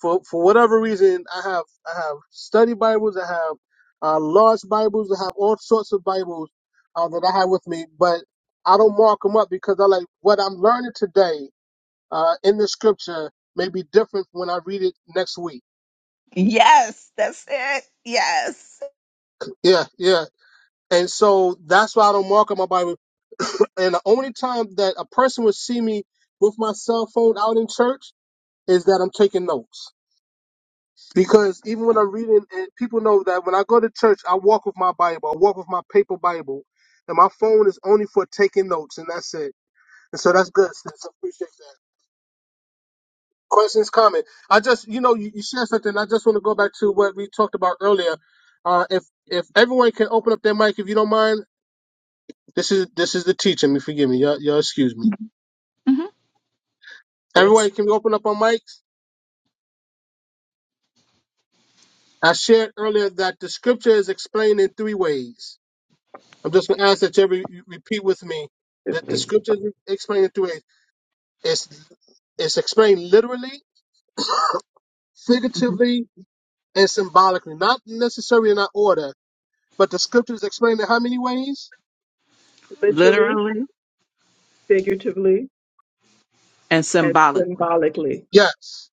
Speaker 1: for for whatever reason, I have I have study Bibles, I have uh, large Bibles, I have all sorts of Bibles uh, that I have with me, but I don't mark them up because I like what I'm learning today uh, in the Scripture may be different when I read it next week.
Speaker 6: Yes. Yes.
Speaker 1: Yeah, yeah, and so that's why I don't mark up my Bible. And the only time that a person would see me with my cell phone out in church is that I'm taking notes. Because even when I'm reading, and people know that when I go to church, I walk with my Bible. I walk with my paper Bible, and my phone is only for taking notes, and that's it. And so that's good. Sis. I appreciate that. Questions, comment. I just, you know, you, you shared something. I just want to go back to what we talked about earlier. Uh, if if everyone can open up their mic, if you don't mind, this is this is the teaching. Me, forgive me. Y'all, y'all excuse me.
Speaker 6: hmm
Speaker 3: yes
Speaker 1: Everyone can open up on mics. I shared earlier that the scripture is explained in three ways. I'm just going to ask that you re- you repeat with me that the scripture is explained in two ways. It's, it's explained literally,
Speaker 6: hmm
Speaker 1: figuratively, and symbolically, not necessarily in that order, but the scripture is explained in how many ways?
Speaker 3: literally,
Speaker 6: Literally
Speaker 3: figuratively,
Speaker 6: and
Speaker 3: and
Speaker 6: symbolically.
Speaker 3: symbolically.
Speaker 1: Yes.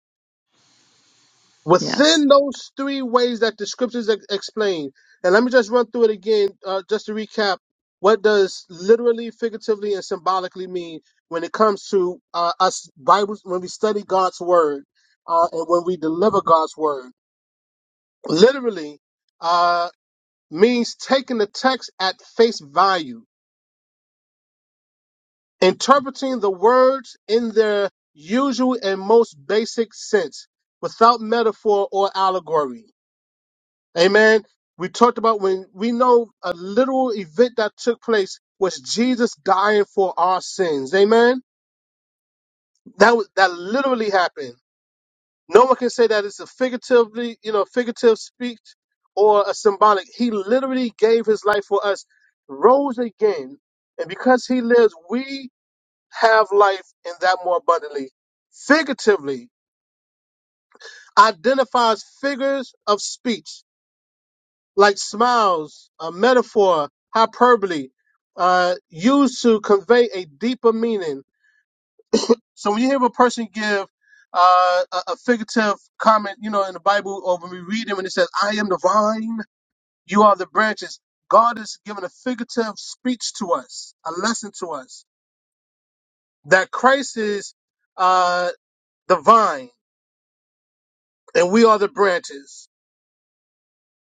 Speaker 6: Yes.
Speaker 1: Within those three ways that the scriptures ex- explain, and let me just run through it again, uh, just to recap. What does literally, figuratively, and symbolically mean when it comes to uh, us Bibles when we study God's word uh, and when we deliver God's word? literally uh, means taking the text at face value, interpreting the words in their usual and most basic sense without metaphor or allegory. Amen. We talked about when we know a literal event that took place was Jesus dying for our sins. Amen. That was, that literally happened. No one can say that it's a figuratively, you know, figurative speech or a symbolic. He literally gave his life for us, rose again, and because he lives, we have life and that more abundantly. Figuratively identifies figures of speech like smiles, a metaphor, hyperbole, uh, used to convey a deeper meaning So when you hear a person give uh, a, a figurative comment, you know, in the Bible, or when we read them and it says, I am the vine, you are the branches, God is giving a figurative speech to us, a lesson to us, that Christ is uh, the vine and we are the branches.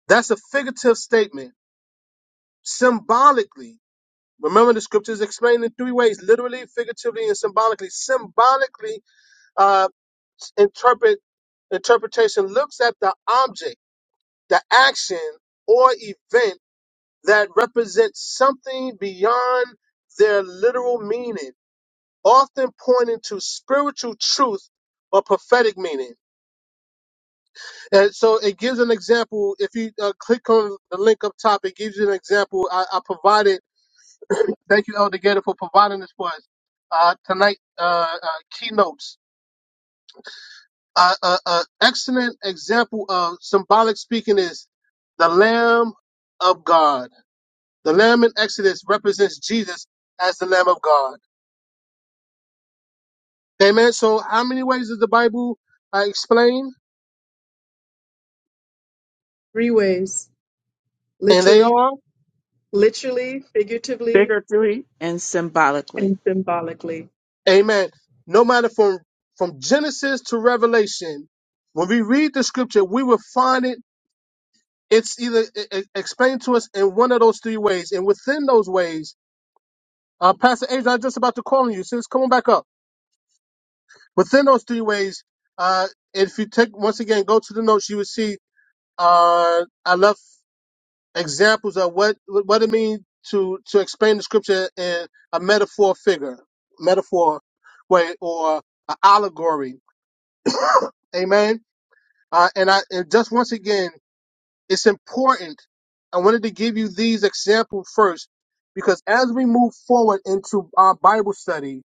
Speaker 1: That's a figurative statement, symbolically. Remember, the scriptures explained in three ways literally, figuratively, and symbolically. Symbolically, uh, interpret interpretation looks at the object the action or event that represents something beyond their literal meaning, often pointing to spiritual truth or prophetic meaning. And so it gives an example. If you uh, click on the link up top, it gives you an example. I, I provided, thank you, Elder Gator, for providing this for us uh, tonight, uh, uh, keynotes. An uh, uh, uh, excellent example of symbolic speaking is the Lamb of God The lamb in Exodus represents Jesus as the Lamb of God. Amen. So, how many ways does the Bible uh, explain?
Speaker 3: Three ways.
Speaker 1: And they
Speaker 3: Literally,
Speaker 1: are,
Speaker 3: literally, figuratively,
Speaker 6: And symbolically.
Speaker 3: and symbolically.
Speaker 1: Amen. No matter from from Genesis to Revelation, when we read the Scripture, we will find it. It's either e- e- explained to us in one of those three ways, and within those ways, uh, Pastor Adrian, I'm just about to call on you. Sis, come on back up. Within those three ways, uh, if you take once again, go to the notes, you will see. Uh, I love. examples of what what it means to to explain the scripture in a metaphor figure, metaphor way, or an allegory. Amen. Uh, and I and just once again, it's important. I wanted to give you these examples first because as we move forward into our Bible study,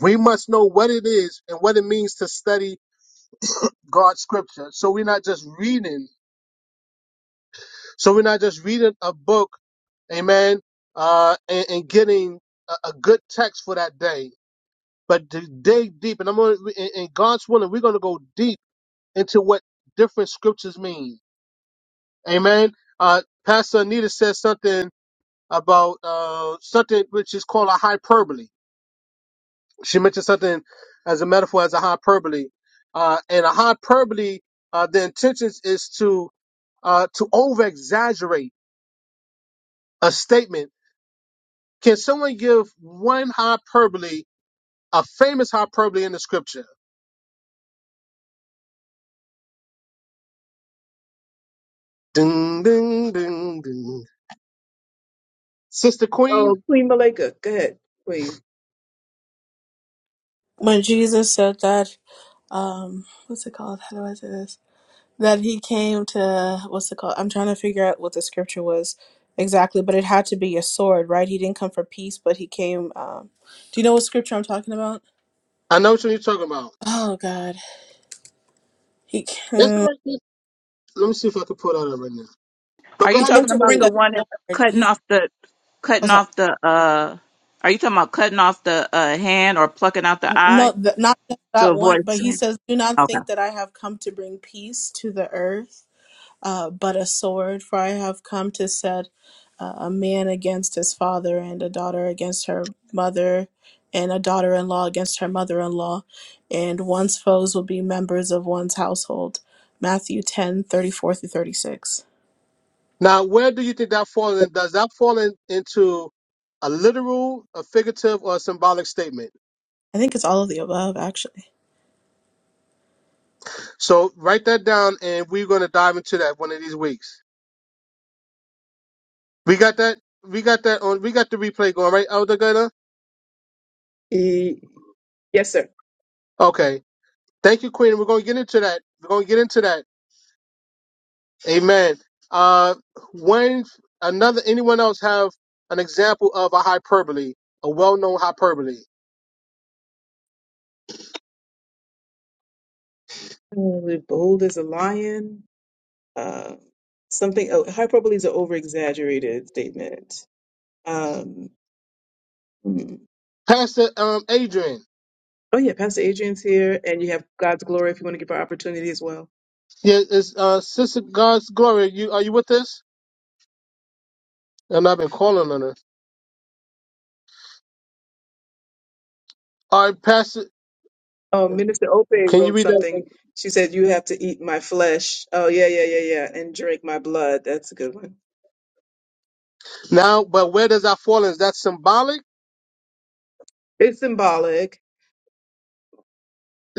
Speaker 1: we must know what it is and what it means to study God's scripture. So we're not just reading So we're not just reading a book, amen, uh, and, and getting a, a good text for that day, but to dig deep. And I'm going to, in in God's willing, we're going to go deep into what different scriptures mean. Amen. Uh, Pastor Anita said something about uh, something which is called a hyperbole. She mentioned something as a metaphor as a hyperbole. Uh, and a hyperbole, uh, the intention is to uh, to over exaggerate a statement Can someone give one hyperbole, a famous hyperbole in the scripture? Ding, ding, ding, ding. Sister Queen,
Speaker 3: Oh, Queen Malika, go ahead, Queen.
Speaker 7: when Jesus said that, um, what's it called? How do I say this? That he came to, what's it called? I'm trying to figure out what the scripture was exactly, but it had to be a sword, right? He didn't come for peace, but he came. Um, do you know what scripture I'm talking about?
Speaker 1: I know what you're talking about.
Speaker 7: Oh God, he
Speaker 1: That's all
Speaker 7: came.
Speaker 1: right. sis. Let me see if I can pull that up right now. But
Speaker 6: Are
Speaker 1: go
Speaker 6: you
Speaker 7: He
Speaker 1: ahead and
Speaker 7: came
Speaker 6: talking
Speaker 7: to
Speaker 6: about
Speaker 7: bring
Speaker 6: the
Speaker 7: a
Speaker 1: explain.
Speaker 6: one that's
Speaker 7: sword.
Speaker 6: cutting
Speaker 7: He,
Speaker 6: off the
Speaker 7: oh,
Speaker 6: cutting
Speaker 7: sorry,
Speaker 6: off the uh are you talking about cutting off the uh hand or plucking out the
Speaker 7: N-
Speaker 6: eye
Speaker 7: no, th- not just
Speaker 6: to
Speaker 7: that one,
Speaker 6: avoid
Speaker 7: but he
Speaker 6: sin?
Speaker 7: says, "Do not
Speaker 6: Okay.
Speaker 7: think that I have come to bring peace to the earth." uh, but a sword, for I have come to set uh, a man against his father, and a daughter against her mother, and a daughter in law against her mother in law, and one's foes will be members of one's household. Matthew ten thirty four through 36.
Speaker 1: Now, where do you think that falls in? Does that fall in, into a literal, a figurative, or a symbolic statement?
Speaker 7: I think it's all of the above, actually.
Speaker 1: So write that down, and we're going to dive into that one of these weeks. We got that. We got that on. We got the replay going, right, Elder Gunner?
Speaker 3: E- yes, sir.
Speaker 1: Okay. Thank you, Queen. We're going to get into that. We're going to get into that. Amen. Uh, when another anyone else have an example of a hyperbole, a well-known hyperbole,
Speaker 3: Uh, bold as a lion. Uh, something, oh, hyperbole is an over exaggerated statement. Um, hmm.
Speaker 1: Pastor um, Adrian,
Speaker 3: oh, yeah, Pastor Adrian's here, and you have God's glory if you want to give her opportunity as well.
Speaker 1: yeah, is uh, Sister God's glory. You are you with us? And I've been calling on her. All right, Pastor,
Speaker 3: Um, Minister Ope
Speaker 1: can you
Speaker 3: wrote
Speaker 1: read that
Speaker 3: something. She said, "You have to eat my flesh." Oh yeah, yeah, yeah, yeah, and drink my blood. That's a good one.
Speaker 1: now? But where does that fall? in? Is that symbolic?
Speaker 3: It's symbolic,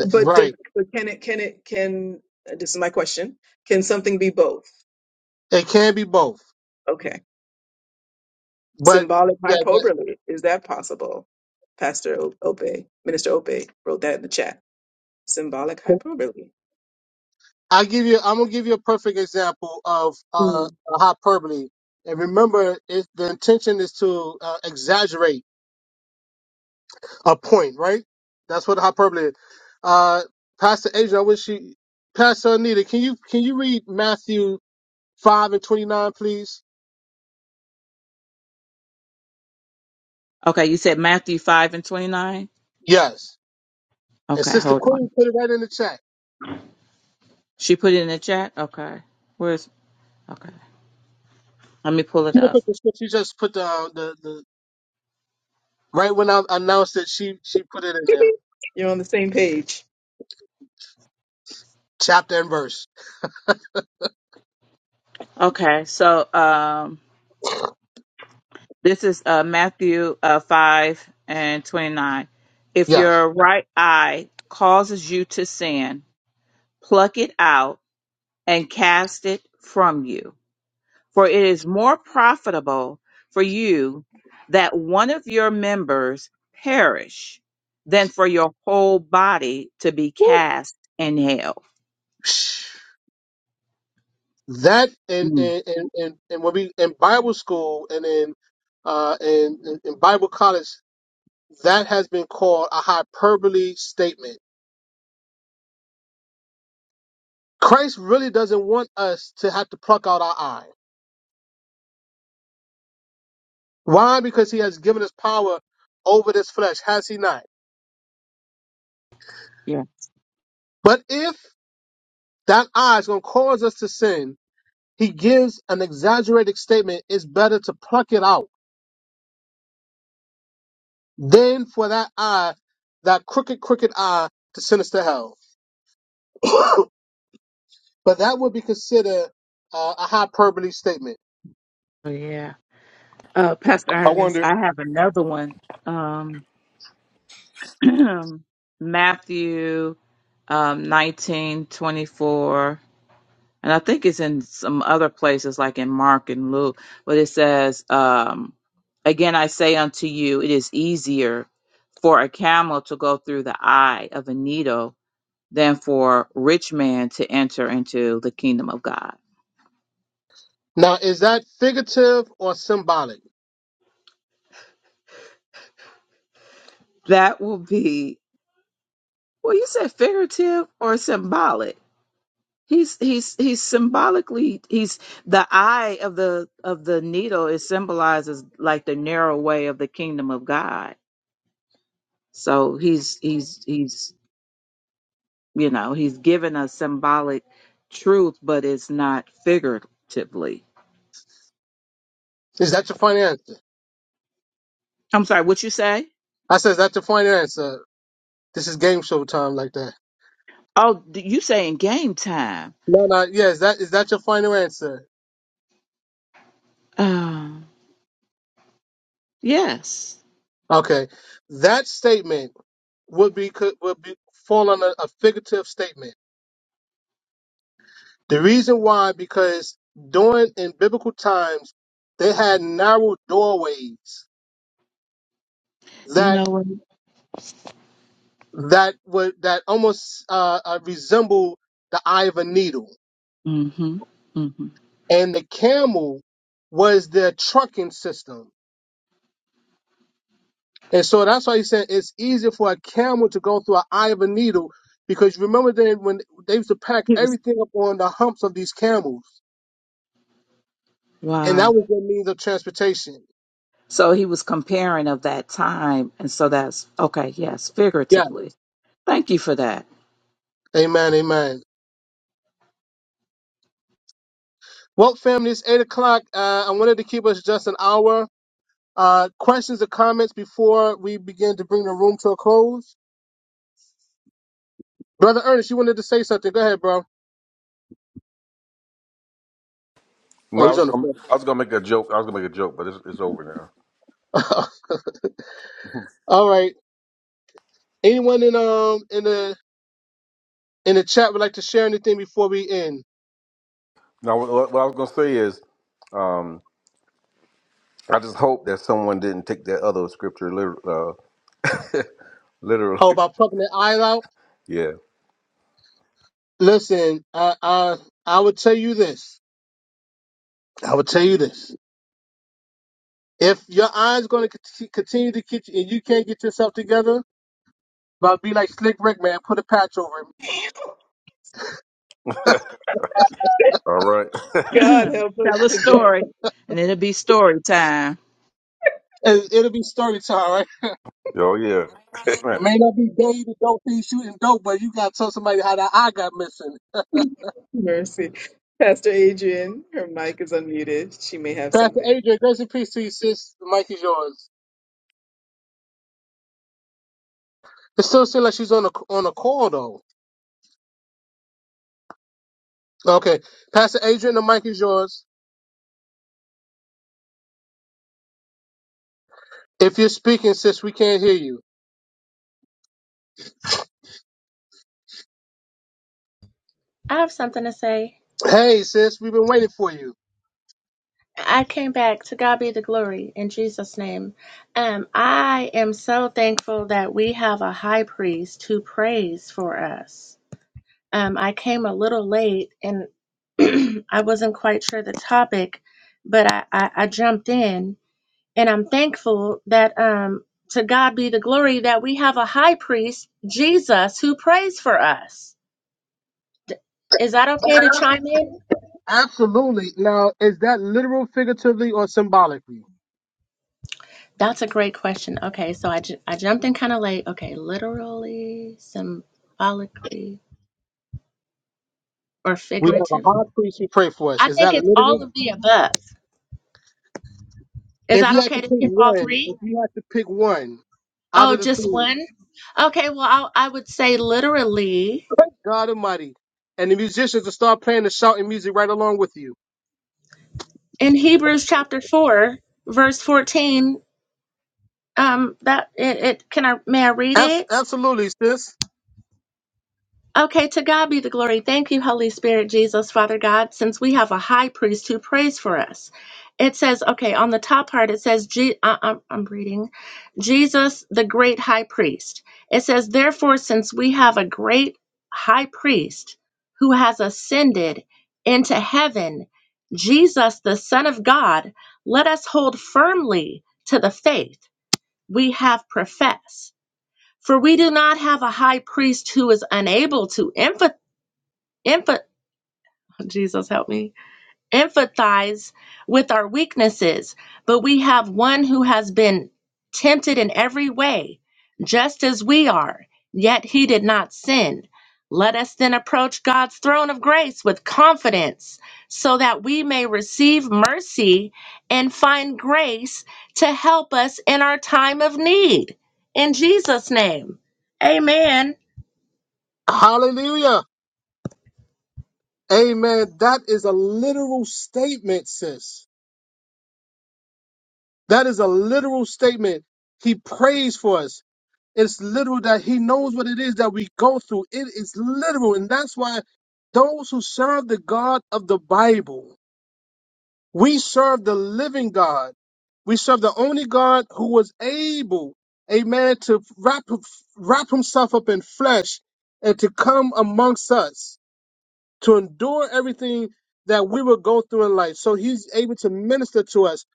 Speaker 3: but does,
Speaker 1: Right.
Speaker 3: but can it? Can it? Can uh, this is my question? Can something be both?
Speaker 1: It can be both.
Speaker 3: Okay,
Speaker 1: But
Speaker 3: symbolic
Speaker 1: yeah,
Speaker 3: hyperbole is that possible? Pastor O- Ope, Minister Ope wrote that in the chat. Symbolic hyperbole.
Speaker 1: I give you. I'm gonna give you a perfect example of uh,
Speaker 3: Hmm.
Speaker 1: a hyperbole. And remember, it, the intention is to uh, exaggerate a point, right? That's what hyperbole is. Uh, Pastor Adrian, I wish you, Pastor Anita, can you can you read Matthew five and twenty nine, please?
Speaker 6: Okay, you said Matthew five and twenty nine?
Speaker 1: Yes. And
Speaker 6: Okay,
Speaker 1: Sister
Speaker 6: hold on.
Speaker 1: Queen put it right in the chat.
Speaker 6: She put it in the chat? Okay. Where's okay. Let me pull it
Speaker 1: She didn't
Speaker 6: up.
Speaker 1: put the script. She just put the the, the right when I announced it. She she put it in there,
Speaker 3: You're on the same page.
Speaker 1: chapter and verse.
Speaker 6: Okay, so um This is uh, Matthew uh, 5 and 29. If
Speaker 1: Yes.
Speaker 6: your right eye causes you to sin, pluck it out and cast it from you. For it is more profitable for you that one of your members perish than for your whole body to be
Speaker 1: Woo.
Speaker 6: cast in hell.
Speaker 1: that and
Speaker 6: Mm,
Speaker 1: and and and, and when we in Bible school and in uh in, in in Bible college, that has been called a hyperbole statement. Christ really doesn't want us to have to pluck out our eye. Why? Because he has given us power over this flesh, has he not?
Speaker 6: yeah.
Speaker 1: But if that eye is going to cause us to sin, he gives an exaggerated statement. It's better to pluck it out than for that eye, that crooked, crooked eye, to send us to hell. but that would be considered uh, a hyperbole statement.
Speaker 6: Oh, yeah. Uh, Pastor
Speaker 5: I
Speaker 6: Ernest,
Speaker 5: wonder.
Speaker 6: I have another one. Um, Matthew. um, 19, twenty-four, and I think it's in some other places like in Mark and Luke, but it says, um, Again, I say unto you, it is easier for a camel to go through the eye of a needle than for a rich man to enter into the kingdom of God.
Speaker 1: Now, is that figurative or symbolic?
Speaker 6: That will be, well, you said figurative or symbolic. He's he's he's symbolically he's the eye of the of the needle is symbolizes like the narrow way of the kingdom of God. So he's he's he's you know he's given us symbolic truth, but it's not figuratively.
Speaker 1: Is that your final answer?
Speaker 6: I'm sorry, what you say?
Speaker 1: I said, is that your final answer? This is game show time, like that.
Speaker 6: Oh, d- you say in game time?
Speaker 1: No, no, yeah, is that is that your final answer?
Speaker 6: Um, yes.
Speaker 1: Okay, that statement would be could would be fall under a figurative statement. The reason why, because during in biblical times, they had narrow doorways
Speaker 6: You
Speaker 1: that.
Speaker 6: know what?
Speaker 1: that would that almost uh, uh, resembled the eye of a needle,
Speaker 6: Mm-hmm. Mm-hmm.
Speaker 1: and the camel was their trucking system. And so that's why he said it's easier for a camel to go through an eye of a needle because you remember then when they used to pack
Speaker 6: He was
Speaker 1: everything up on the humps of these camels, and that
Speaker 6: wow.
Speaker 1: was their means of transportation.
Speaker 6: So he was comparing of that time, and so that's okay. Yes,
Speaker 1: Yeah.
Speaker 6: figuratively. Thank you for that.
Speaker 1: Amen. Amen. Well, family, it's eight o'clock. Uh, I wanted to keep us just an hour. Uh, questions or comments before we begin to bring the room to a close? Brother Ernest, you wanted to say something. Go ahead, bro.
Speaker 5: No,
Speaker 1: Oh,
Speaker 5: I
Speaker 1: he's
Speaker 5: was
Speaker 1: on the
Speaker 5: gonna,
Speaker 1: phone.
Speaker 5: I was gonna make a joke. I was gonna make a joke, but it's, it's over now.
Speaker 1: All right. Anyone in um in the in the chat would like to share anything before we end?
Speaker 5: Now, what, what I was gonna say is, um, I just hope that someone didn't take that other scripture liter- uh, literally.
Speaker 1: Oh, about plucking the eye out.
Speaker 5: Yeah,
Speaker 1: Listen, I I I would tell you this. I would tell you this. If your eye's going to cont- continue to get you, and you can't get yourself together, about be like Slick Rick, man. Put a patch over him.
Speaker 5: All right.
Speaker 3: God help
Speaker 6: Tell a
Speaker 3: us
Speaker 6: story, and it'll be story time.
Speaker 1: It, it'll be story time, right?
Speaker 5: Oh yeah. Amen.
Speaker 1: It may not be day to dope thing shooting dope, but you gotta tell somebody how that eye got missing.
Speaker 3: Mercy. Pastor Adrian, her mic is unmuted. She may have
Speaker 1: Pastor
Speaker 3: something.
Speaker 1: Adrian, grace and peace to you, sis. The mic is yours. It still seems like she's on a on a call though. Okay, Pastor Adrian, the mic is yours. If you're speaking, sis, we can't hear you.
Speaker 8: I have something to say.
Speaker 1: Hey, sis, we've been waiting for you.
Speaker 8: I came back to God be the glory in Jesus' name. Um, I am so thankful that we have a high priest who prays for us. Um, I came a little late and I wasn't quite sure the topic, but I, I, I jumped in and I'm thankful that um, to God be the glory that we have a high priest, Jesus, who prays for us. D- Is that okay to chime in?
Speaker 1: Absolutely. Now, is that literal, figuratively, or symbolically?
Speaker 8: That's a great question. Okay, so I, ju- I jumped in kind of late. Okay, literally, symbolically, or
Speaker 1: We have a
Speaker 8: figurative?
Speaker 1: high priest who pray for us.
Speaker 8: I
Speaker 1: Is
Speaker 8: think
Speaker 1: that
Speaker 8: it's
Speaker 1: literal?
Speaker 8: all of the above. Is
Speaker 1: If you
Speaker 8: that
Speaker 1: had to
Speaker 8: okay
Speaker 1: pick
Speaker 8: to pick all
Speaker 1: one,
Speaker 8: three?
Speaker 1: if you had to pick one out
Speaker 8: Oh,
Speaker 1: of the
Speaker 8: just
Speaker 1: three,
Speaker 8: one? Okay, well, I, I would say literally
Speaker 1: God Almighty, and the musicians to start playing the shouting music right along with you.
Speaker 8: in Hebrews chapter 4, verse 14. Um, that it, it can I may I read it?
Speaker 1: Abs- absolutely, sis.
Speaker 8: Okay, to God be the glory. Thank you, Holy Spirit, Jesus, Father God, since we have a high priest who prays for us. It says, okay, on the top part, it says, Je- I- I'm I'm reading, Jesus, the great high priest. It says, therefore, since we have a great high priest who has ascended into heaven, Jesus, the Son of God, let us hold firmly to the faith we have professed. For we do not have a high priest who is unable to empathize Emph- Jesus help me. Empathize with our weaknesses, but we have one who has been tempted in every way, just as we are, yet he did not sin. Let us then approach God's throne of grace with confidence, so that we may receive mercy and find grace to help us in our time of need. In Jesus' name. Amen.
Speaker 1: Hallelujah. Amen. That is a literal statement, sis. That is a literal statement. He prays for us. It's literal that he knows what it is that we go through. It is literal. And that's why those who serve the God of the Bible, we serve the living God. We serve the only God who was able, amen, to wrap, wrap himself up in flesh and to come amongst us. to endure everything that we will go through in life. So he's able to minister to us.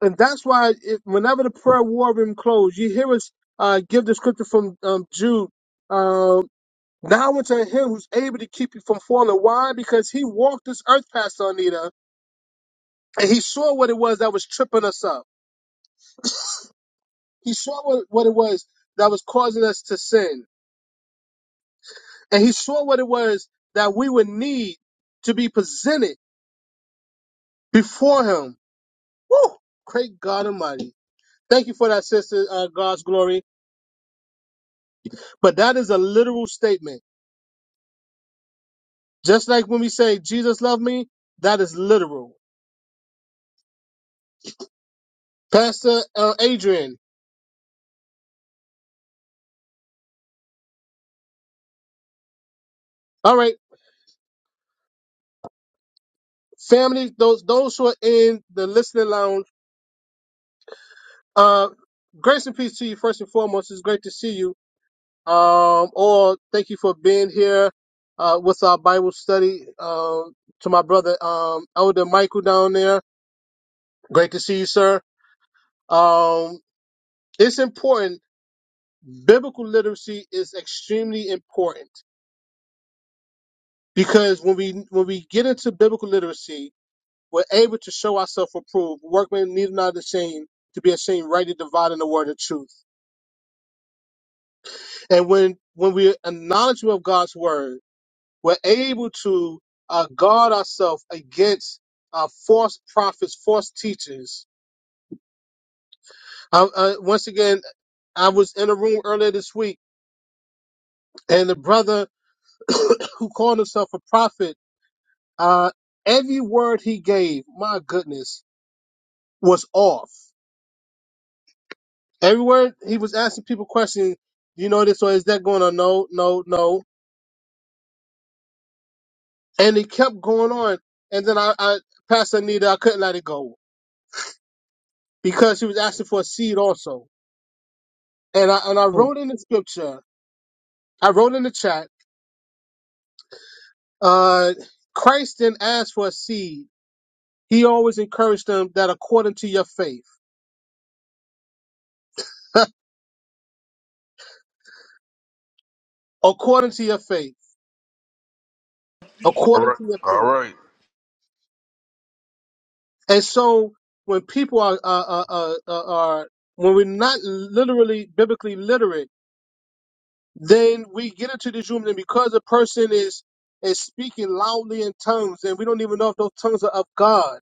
Speaker 1: And that's why it, whenever the prayer war room closed, you hear us uh, give the scripture from um, Jude. Um, now unto him who's able to keep you from falling. Why? Because he walked this earth, Pastor Anita, and he saw what it was that was tripping us up. He saw what, what it was that was causing us to sin. And he saw what it was that we would need to be presented before him. Woo! Great God Almighty. Thank you for that, sister, uh, God's glory. But that is a literal statement. Just like when we say, Jesus loved me, that is literal. Pastor uh, Adrian, all right, family, those those who are in the listening lounge, uh, grace and peace to you, first and foremost. It's great to see you. Um, or thank you for being here uh, with our Bible study. Um, to my brother, um, Elder Michael down there, great to see you, sir. Um, it's important. biblical literacy is extremely important because when we when we get into biblical literacy, we're able to show ourselves approved. Workmen need not ashamed to be ashamed, rightly dividing the word of truth. And when when we're acknowledgement of God's word, we're able to uh, guard ourselves against uh, false prophets, false teachers. Uh, uh, once again, I was in a room earlier this week, and the brother who called himself a prophet Uh, every word he gave, my goodness, was off. Every word he was asking people questions, you know this or is that going on? No, no, no. And it kept going on. And then I, I Pastor Anita, I couldn't let it go because she was asking for a seed also. And I and I wrote in the scripture, I wrote in the chat, uh, Christ didn't ask for a seed. He always encouraged them that according to your faith, according to your faith,
Speaker 5: All
Speaker 1: according
Speaker 5: right.
Speaker 1: to your
Speaker 5: All
Speaker 1: faith.
Speaker 5: right.
Speaker 1: And so when people are, are, are, are, are when we're not literally biblically literate, then we get into this room and because a person is is speaking loudly in tongues and we don't even know if those tongues are of God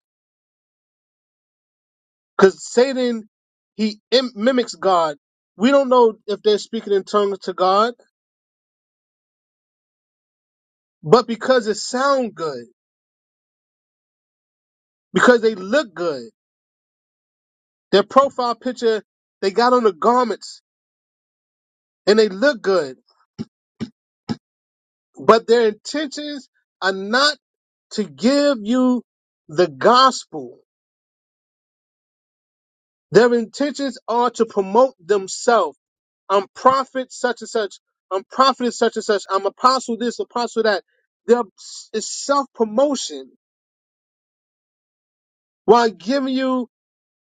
Speaker 1: because Satan he im- mimics God. We don't know if they're speaking in tongues to God, but because it sounds good, because they look good, their profile picture they got on the garments and they look good but their intentions are not to give you the gospel. Their intentions are to promote themselves. I'm prophet such and such. I'm prophet such and such. I'm apostle this, apostle that. There is self promotion while giving you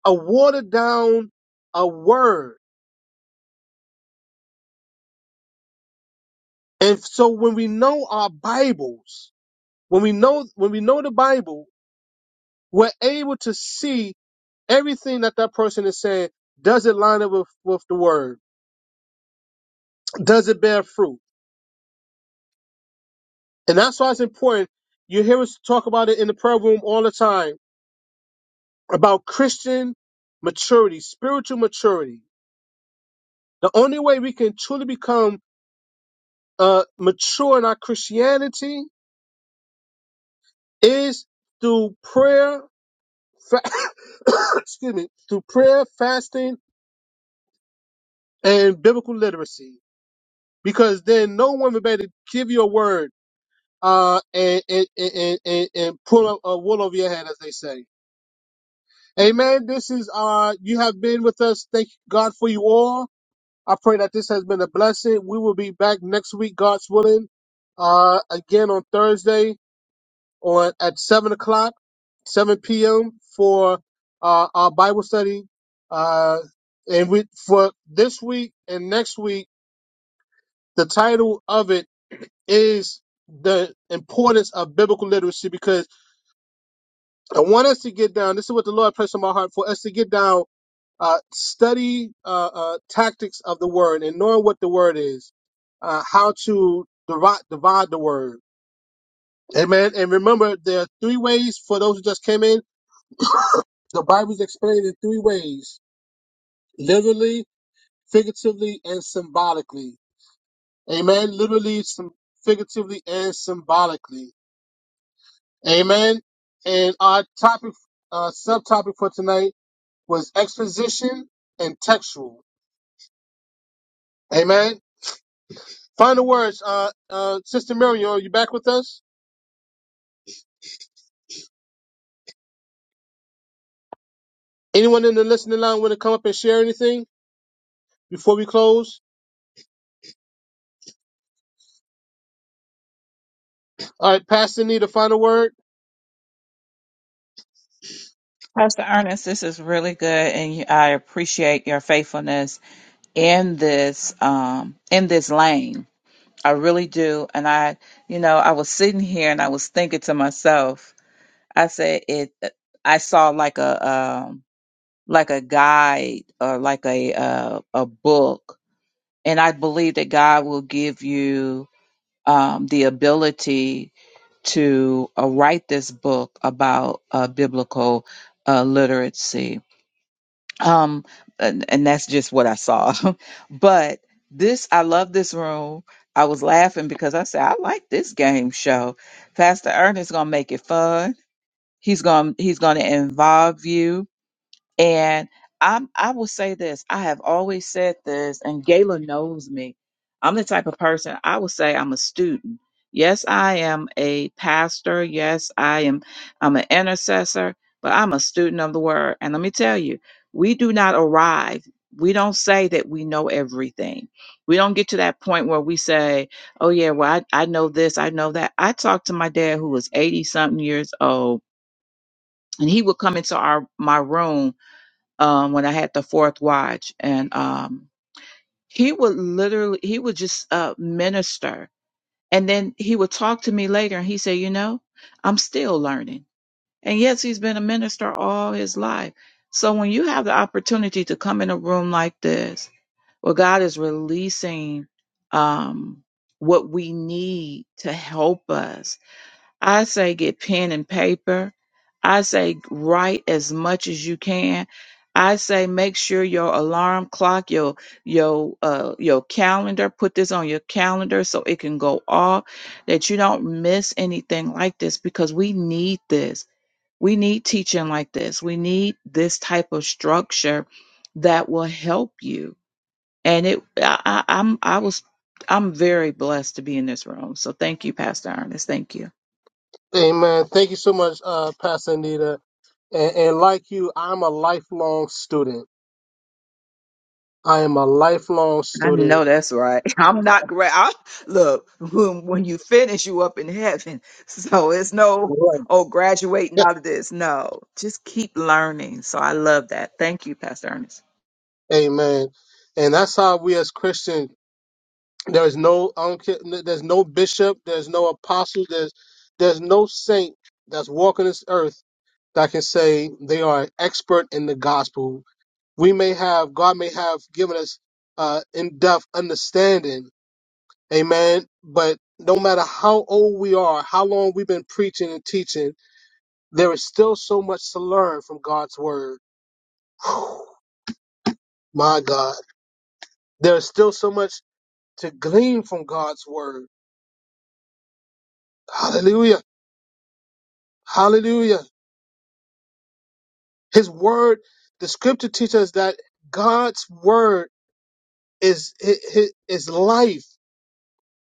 Speaker 1: a watered down a word. And so when we know our Bibles, when we know when we know the Bible, we're able to see everything that that person is saying, does it line up with, with the word? Does it bear fruit? And that's why it's important. You hear us talk about it in the prayer room all the time about Christian maturity, spiritual maturity. The only way we can truly become uh, mature in our Christianity is through prayer, fa- excuse me, through prayer, fasting, and biblical literacy. Because then no one will be able to give you a word uh, and, and, and, and, and pull a, a wool over your head, as they say. Amen. This is, uh, you have been with us. Thank God for you all. I pray that this has been a blessing. We will be back next week, God's willing, uh, again on Thursday on at 7 o'clock, 7 p.m. for, uh, our Bible study. Uh, and we, for this week and next week, the title of it is the importance of biblical literacy because I want us to get down. This is what the Lord pressed on my heart for us to get down, uh, study uh, uh, tactics of the word and knowing what the word is, uh, how to divide, divide the word. Amen. And remember, there are three ways for those who just came in. The Bible is explained in three ways literally, figuratively, and symbolically. Amen. Literally, some, figuratively, and symbolically. Amen. And our topic, uh, subtopic for tonight was exposition and textual. Amen. Final words, uh, uh, Sister Miriam, are you back with us? Anyone in the listening line want to come up and share anything before we close? All right, Pastor Anita, final word.
Speaker 6: Pastor Ernest, this is really good, and you- I appreciate your faithfulness in this um, in this lane. I really do. And I, you know, I was sitting here and I was thinking to myself. I said, "It." I saw like a um, like a guide or like a uh, a book, and I believe that God will give you um, the ability to uh, write this book about uh, biblical uh, literacy. Um, and, and that's just what I saw. but this, I love this room. I was laughing because I said I like this game show. Pastor Ernest gonna make it fun. He's gonna he's gonna involve you and I'm, I will say this. I have always said this, and Gayla knows me. I'm the type of person, I will say I'm a student. Yes, I am a pastor. Yes, I am, I'm an intercessor, but I'm a student of the word. And let me tell you, we do not arrive. We don't say that we know everything. We don't get to that point where we say, oh, yeah, well, I, I know this, I know that. I talked to my dad who was 80 something years old, and he would come into our my room um, when I had the fourth watch, and um, he would literally he would just uh, minister, and then he would talk to me later, and he said, "You know, I'm still learning." And yes, he's been a minister all his life. So when you have the opportunity to come in a room like this, where God is releasing um, what we need to help us I say get pen and paper. I say write as much as you can. I say make sure your alarm clock, your your uh your calendar, put this on your calendar so it can go off that you don't miss anything like this because we need this. We need teaching like this. We need this type of structure that will help you. And it I, I I'm I was I'm very blessed to be in this room. So thank you, Pastor Ernest. Thank you.
Speaker 1: Amen. Thank you so much, uh, Pastor Anita. And, and like you, I'm a lifelong student. I am a lifelong
Speaker 6: I know
Speaker 1: student.
Speaker 6: that's right. I'm not great. I, look, when, when you finish, you up in heaven. So it's no,
Speaker 1: Right.
Speaker 6: oh, graduating out of this. No, just keep learning. So I love that. Thank you, Pastor Ernest.
Speaker 1: Amen. And that's how we as Christians There is no I don't care, there's no bishop, there's no apostle, there's there's no saint that's walking this earth that can say they are an expert in the gospel. We may have God may have given us uh in-depth understanding, amen, but no matter how old we are, how long we've been preaching and teaching, there is still so much to learn from God's word. Whew, My God. There is still so much to glean from God's word. Hallelujah. Hallelujah. His word, the scripture teaches us that God's word is hi- hi- is life.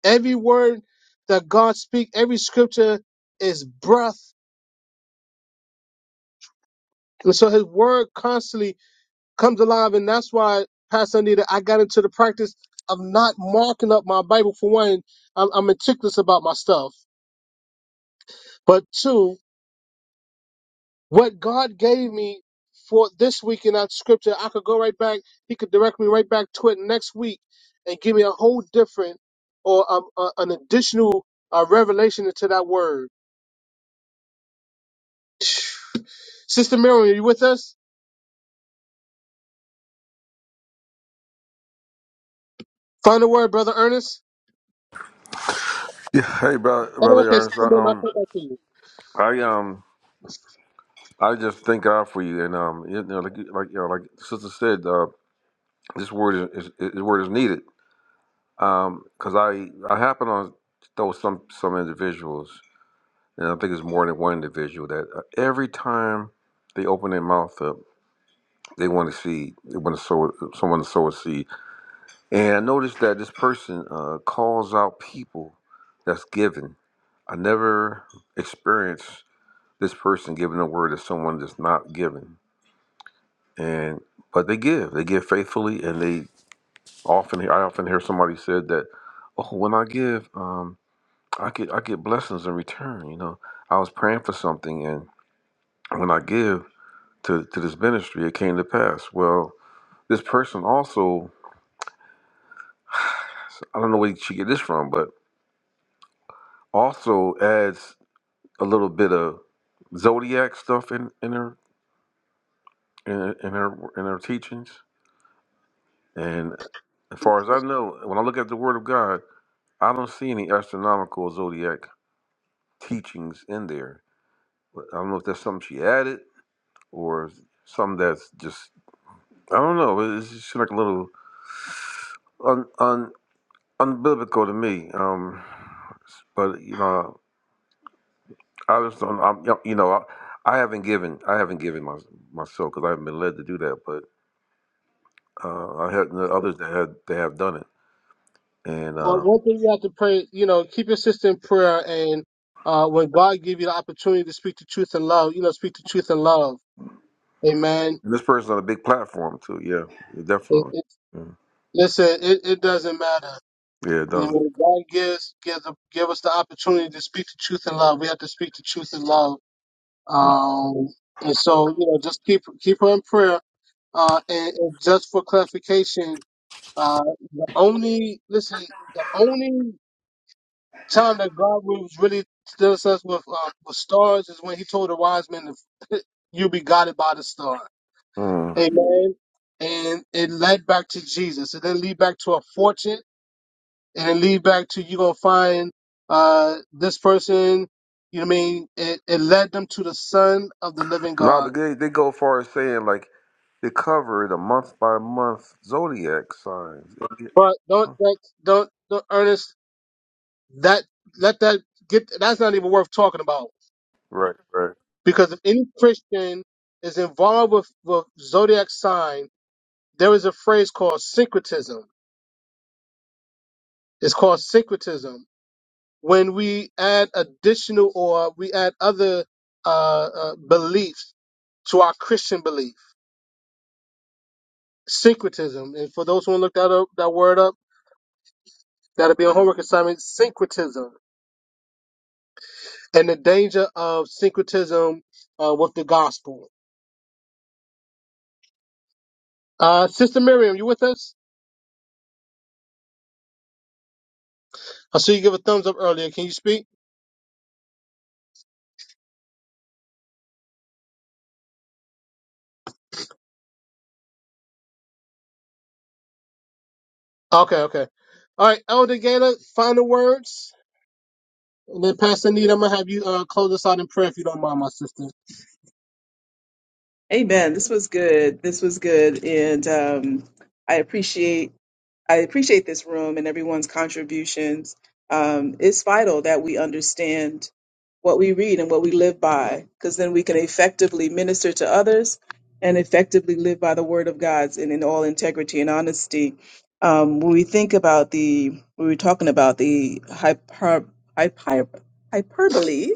Speaker 1: Every word that God speaks, every scripture is breath. And so his word constantly comes alive. And that's why, Pastor Anita, I got into the practice of not marking up my Bible for one. I'm, I'm meticulous about my stuff. But two, What God gave me for this week in that scripture, I could go right back. He could direct me right back to it next week and give me a whole different or um, uh, an additional uh, revelation to that word. Sister Miriam, are you with us? Find the word, Brother Ernest.
Speaker 5: Yeah. Hey, brother,
Speaker 1: Oh,
Speaker 5: brother
Speaker 1: okay, Sister
Speaker 5: Ernest. I,
Speaker 1: Miriam, I'll
Speaker 5: um,
Speaker 1: come back to you.
Speaker 5: I um, I just thank God for you, and um, you know, like you- like you know, like sister said, uh, this word is, is this word is needed. Um, cause I I happen on know some some individuals, and I think it's more than one individual that uh, every time they open their mouth up, they want to see they want to sow someone to sow a seed And I noticed that this person uh, calls out people that's given. I never experienced this person giving a word to someone that's not given. And but they give. They give faithfully, and they often. hear. I often hear somebody said that, "Oh, when I give, um, I get I get blessings in return." You know, I was praying for something, and when I give to to this ministry, it came to pass. Well, this person also, I don't know where she get this from, but also adds. a little bit of zodiac stuff in in her in, in her in her teachings. And as far as I know, when I look at the Word of God, I don't see any astronomical zodiac teachings in there. But I don't know if that's something she added or something that's just I don't know. It's just like a little un, un unbiblical to me. Um, but you know, I just don't. I'm, you know, I, I haven't given I haven't given my myself because I haven't been led to do that. Uh, I had kn- others that had they have done it, and,
Speaker 1: But
Speaker 5: uh,
Speaker 1: one thing you have to pray, you know, keep your sister in prayer and uh, when God give you the opportunity to speak the truth in love, you know, speak the truth in love. Amen.
Speaker 5: and this person's on a big platform too. Yeah, yeah,
Speaker 1: It,
Speaker 5: definitely.
Speaker 1: it,
Speaker 5: Mm.
Speaker 1: listen, it, it doesn't matter.
Speaker 5: Yeah, it
Speaker 1: You
Speaker 5: does.
Speaker 1: know, God gives gives give us the opportunity to speak the truth in love. We have to speak the truth in love.
Speaker 5: Mm.
Speaker 1: Um, and so you know, just keep keep her in prayer. Uh, and, and just for clarification, uh, the only listen, the only time that God was really deals us with um, with stars is when He told the wise men, to, "You be guided by the star."
Speaker 5: Mm.
Speaker 1: Amen. And it led back to Jesus. It didn't lead back to a fortune. and it lead back to you gonna find uh this person, you know what I mean, it, it led them to the son of the living
Speaker 5: No,
Speaker 1: God.
Speaker 5: but they they go far as saying like they cover the month by month zodiac signs.
Speaker 1: But don't that don't don't Ernest that let that get that's not even worth talking about.
Speaker 5: Right, right.
Speaker 1: Because if any Christian is involved with, with zodiac sign, there is a phrase called syncretism. It's called syncretism. When we add additional or we add other uh, uh, beliefs to our Christian belief. syncretism. And for those who want to look that up, that word up, that'll be a homework assignment. Syncretism and the danger of syncretism uh, with the gospel. Uh, Sister Miriam, you with us? I see you give a thumbs up earlier. Can you speak? Okay, okay. All right, Elder Gaylor, final words, and then Pastor Need, I'm gonna have you uh, close us out in prayer if you don't mind, my sister.
Speaker 3: Amen. This was good. This was good. And um, I appreciate. I appreciate this room and everyone's contributions. Um, it's vital that we understand what we read and what we live by, because then we can effectively minister to others and effectively live by the word of God and in all integrity and honesty. Um, when we think about the, we were talking about the hyper, hyper, hyperbole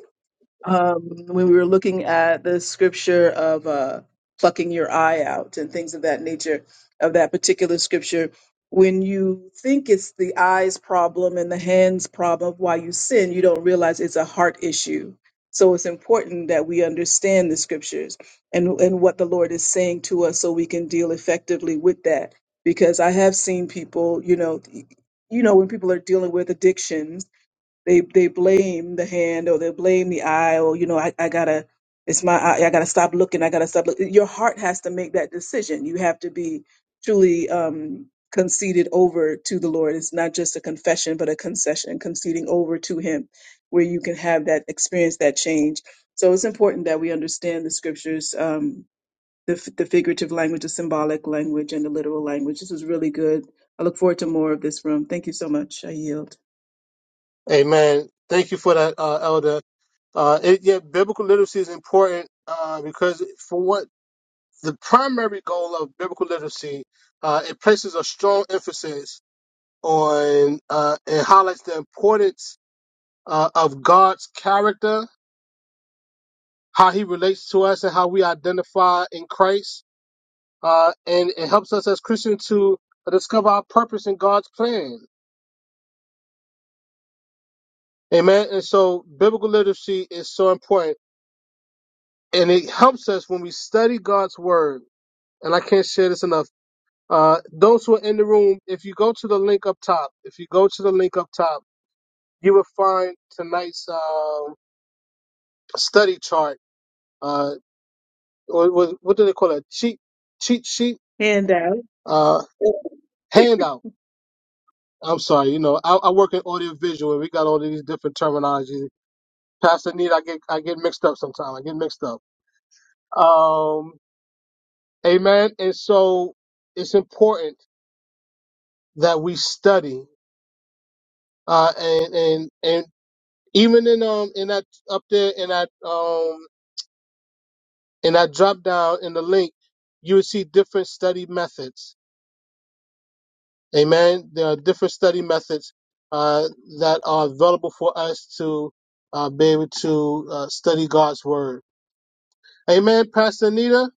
Speaker 3: um, when we were looking at the scripture of uh, plucking your eye out and things of that nature of that particular scripture. When you think it's the eyes problem and the hands problem of why you sin, you don't realize it's a heart issue. So it's important that we understand the scriptures and, and what the Lord is saying to us so we can deal effectively with that. Because I have seen people, you know, you know, when people are dealing with addictions they they blame the hand or they blame the eye or you know I, I gotta it's my eye, I gotta stop looking I gotta stop look. your heart has to make that decision you have to be truly um conceded over to the Lord it's not just a confession but a concession conceding over to him where you can have that experience that change so it's important that we understand the scriptures um the, f- the figurative language the symbolic language and the literal language this was really good I look forward to more of this room thank you so much I yield
Speaker 1: Amen. Thank you for that, uh, Elder. Uh, it, yeah, biblical literacy is important uh, because for what the primary goal of biblical literacy uh, it places a strong emphasis on uh, it highlights the importance uh, of God's character, how He relates to us, and how we identify in Christ, uh, and it helps us as Christians to discover our purpose in God's plan. Amen. And so, biblical literacy is so important, and it helps us when we study God's word. And I can't share this enough. Uh, those who are in the room, if you go to the link up top, if you go to the link up top you will find tonight's um, study chart, uh, or what, what do they call it? Cheat, cheat sheet,
Speaker 3: Hand out.
Speaker 1: uh, handout. I'm sorry, you know, I, I work in audio visual, and we got all these different terminologies. Pastor Need, I get I get mixed up sometimes. I get mixed up. Um, amen. And so it's important that we study, uh, and and and even in um in that up there in that um in that drop down in the link, you will see different study methods Amen. There are different study methods uh, that are available for us to uh, be able to uh, study God's word. Amen. Pastor Anita,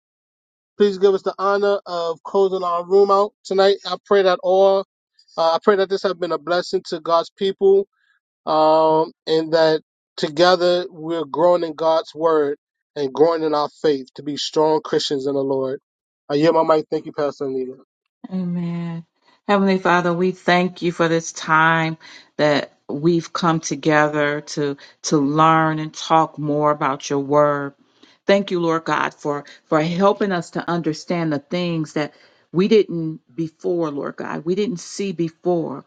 Speaker 1: please give us the honor of closing our room out tonight. I pray that all, uh, I pray that this has been a blessing to God's people um, and that together we're growing in God's word and growing in our faith to be strong Christians in the Lord. I yield my mic. Thank you, Pastor Anita.
Speaker 6: Amen. Heavenly Father, we thank you for this time that we've come together to to learn and talk more about your word. Thank you, Lord God, for for helping us to understand the things that we didn't before, Lord God. We didn't see before.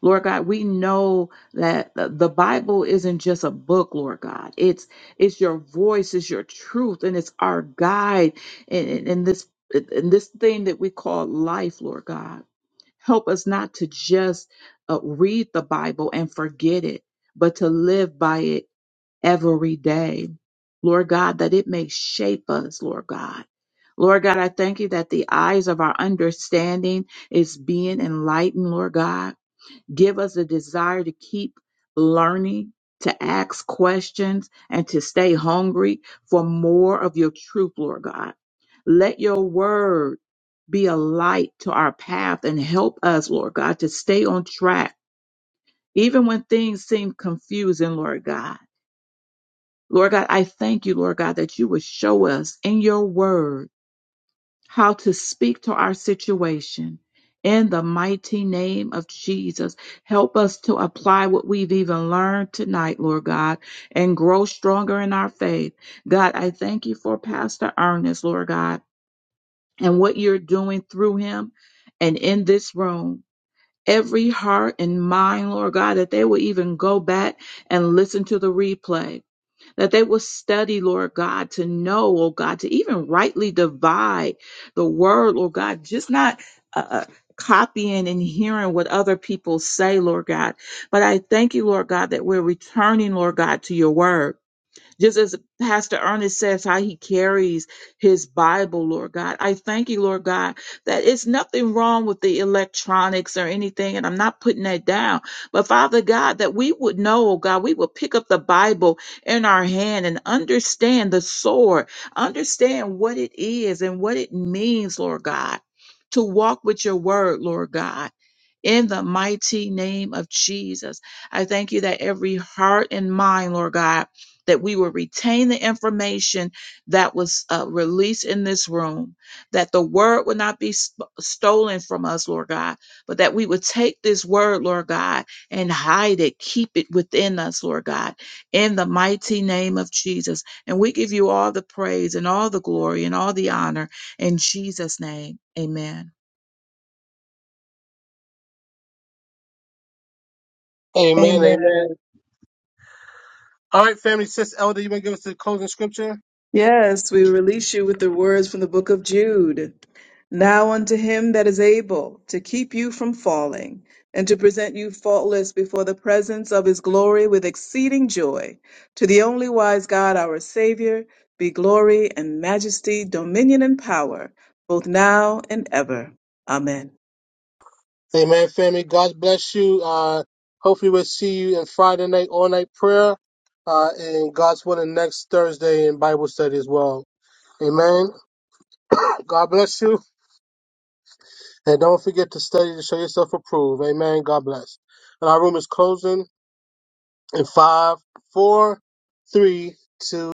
Speaker 6: Lord God, we know that the the Bible isn't just a book, Lord God. It's it's your voice, it's your truth, and it's our guide in, in, in this in this thing that we call life, Lord God. Help us not to just uh, read the Bible and forget it, but to live by it every day, Lord God. That it may shape us, Lord God. Lord God, I thank you that the eyes of our understanding is being enlightened, Lord God. Give us a desire to keep learning, to ask questions, and to stay hungry for more of your truth, Lord God. Let your word be a light to our path and help us, Lord God, to stay on track, even when things seem confusing, Lord God. Lord God, I thank you, Lord God, that you would show us in your word how to speak to our situation. In the mighty name of Jesus, help us to apply what we've even learned tonight, Lord God, and grow stronger in our faith. God, I thank you for Pastor Ernest, Lord God, and what you're doing through him and in this room. Every heart and mind, Lord God, that they will even go back and listen to the replay that they will study, Lord God, to know, oh God, to even rightly divide the word, Lord God, just not uh, uh, copying and hearing what other people say, Lord God. But I thank you, Lord God, that we're returning, Lord God, to your word. Just as Pastor Ernest says, how he carries his Bible, Lord God. I thank you, Lord God, that it's nothing wrong with the electronics or anything, and I'm not putting that down. But Father God, that we would know, oh God, we would pick up the Bible in our hand and understand the sword, understand what it is and what it means, Lord God, to walk with your word, Lord God. In the mighty name of Jesus, I thank you that every heart and mind, Lord God, that we will retain the information that was uh, released in this room, that the word would not be sp- stolen from us, Lord God, but that we would take this word, Lord God, and hide it, keep it within us, Lord God, in the mighty name of Jesus. And we give you all the praise and all the glory and all the honor in Jesus' name. Amen.
Speaker 1: Amen.
Speaker 3: Amen.
Speaker 1: Amen. All right, family. Sis Elder, you want to give us the closing scripture?
Speaker 3: Yes, we release you with the words from the book of Jude. Now unto him that is able to keep you from falling and to present you faultless before the presence of his glory with exceeding joy, to the only wise God our Savior, be glory and majesty, dominion and power, both now and ever. Amen.
Speaker 1: Amen, family. God bless you. Uh, hopefully, we'll see you in Friday night, all night prayer, uh, and God's willing next Thursday in Bible study as well. Amen. God bless you. And don't forget to study to show yourself approved. Amen. God bless. And our room is closing in five, four, three, two.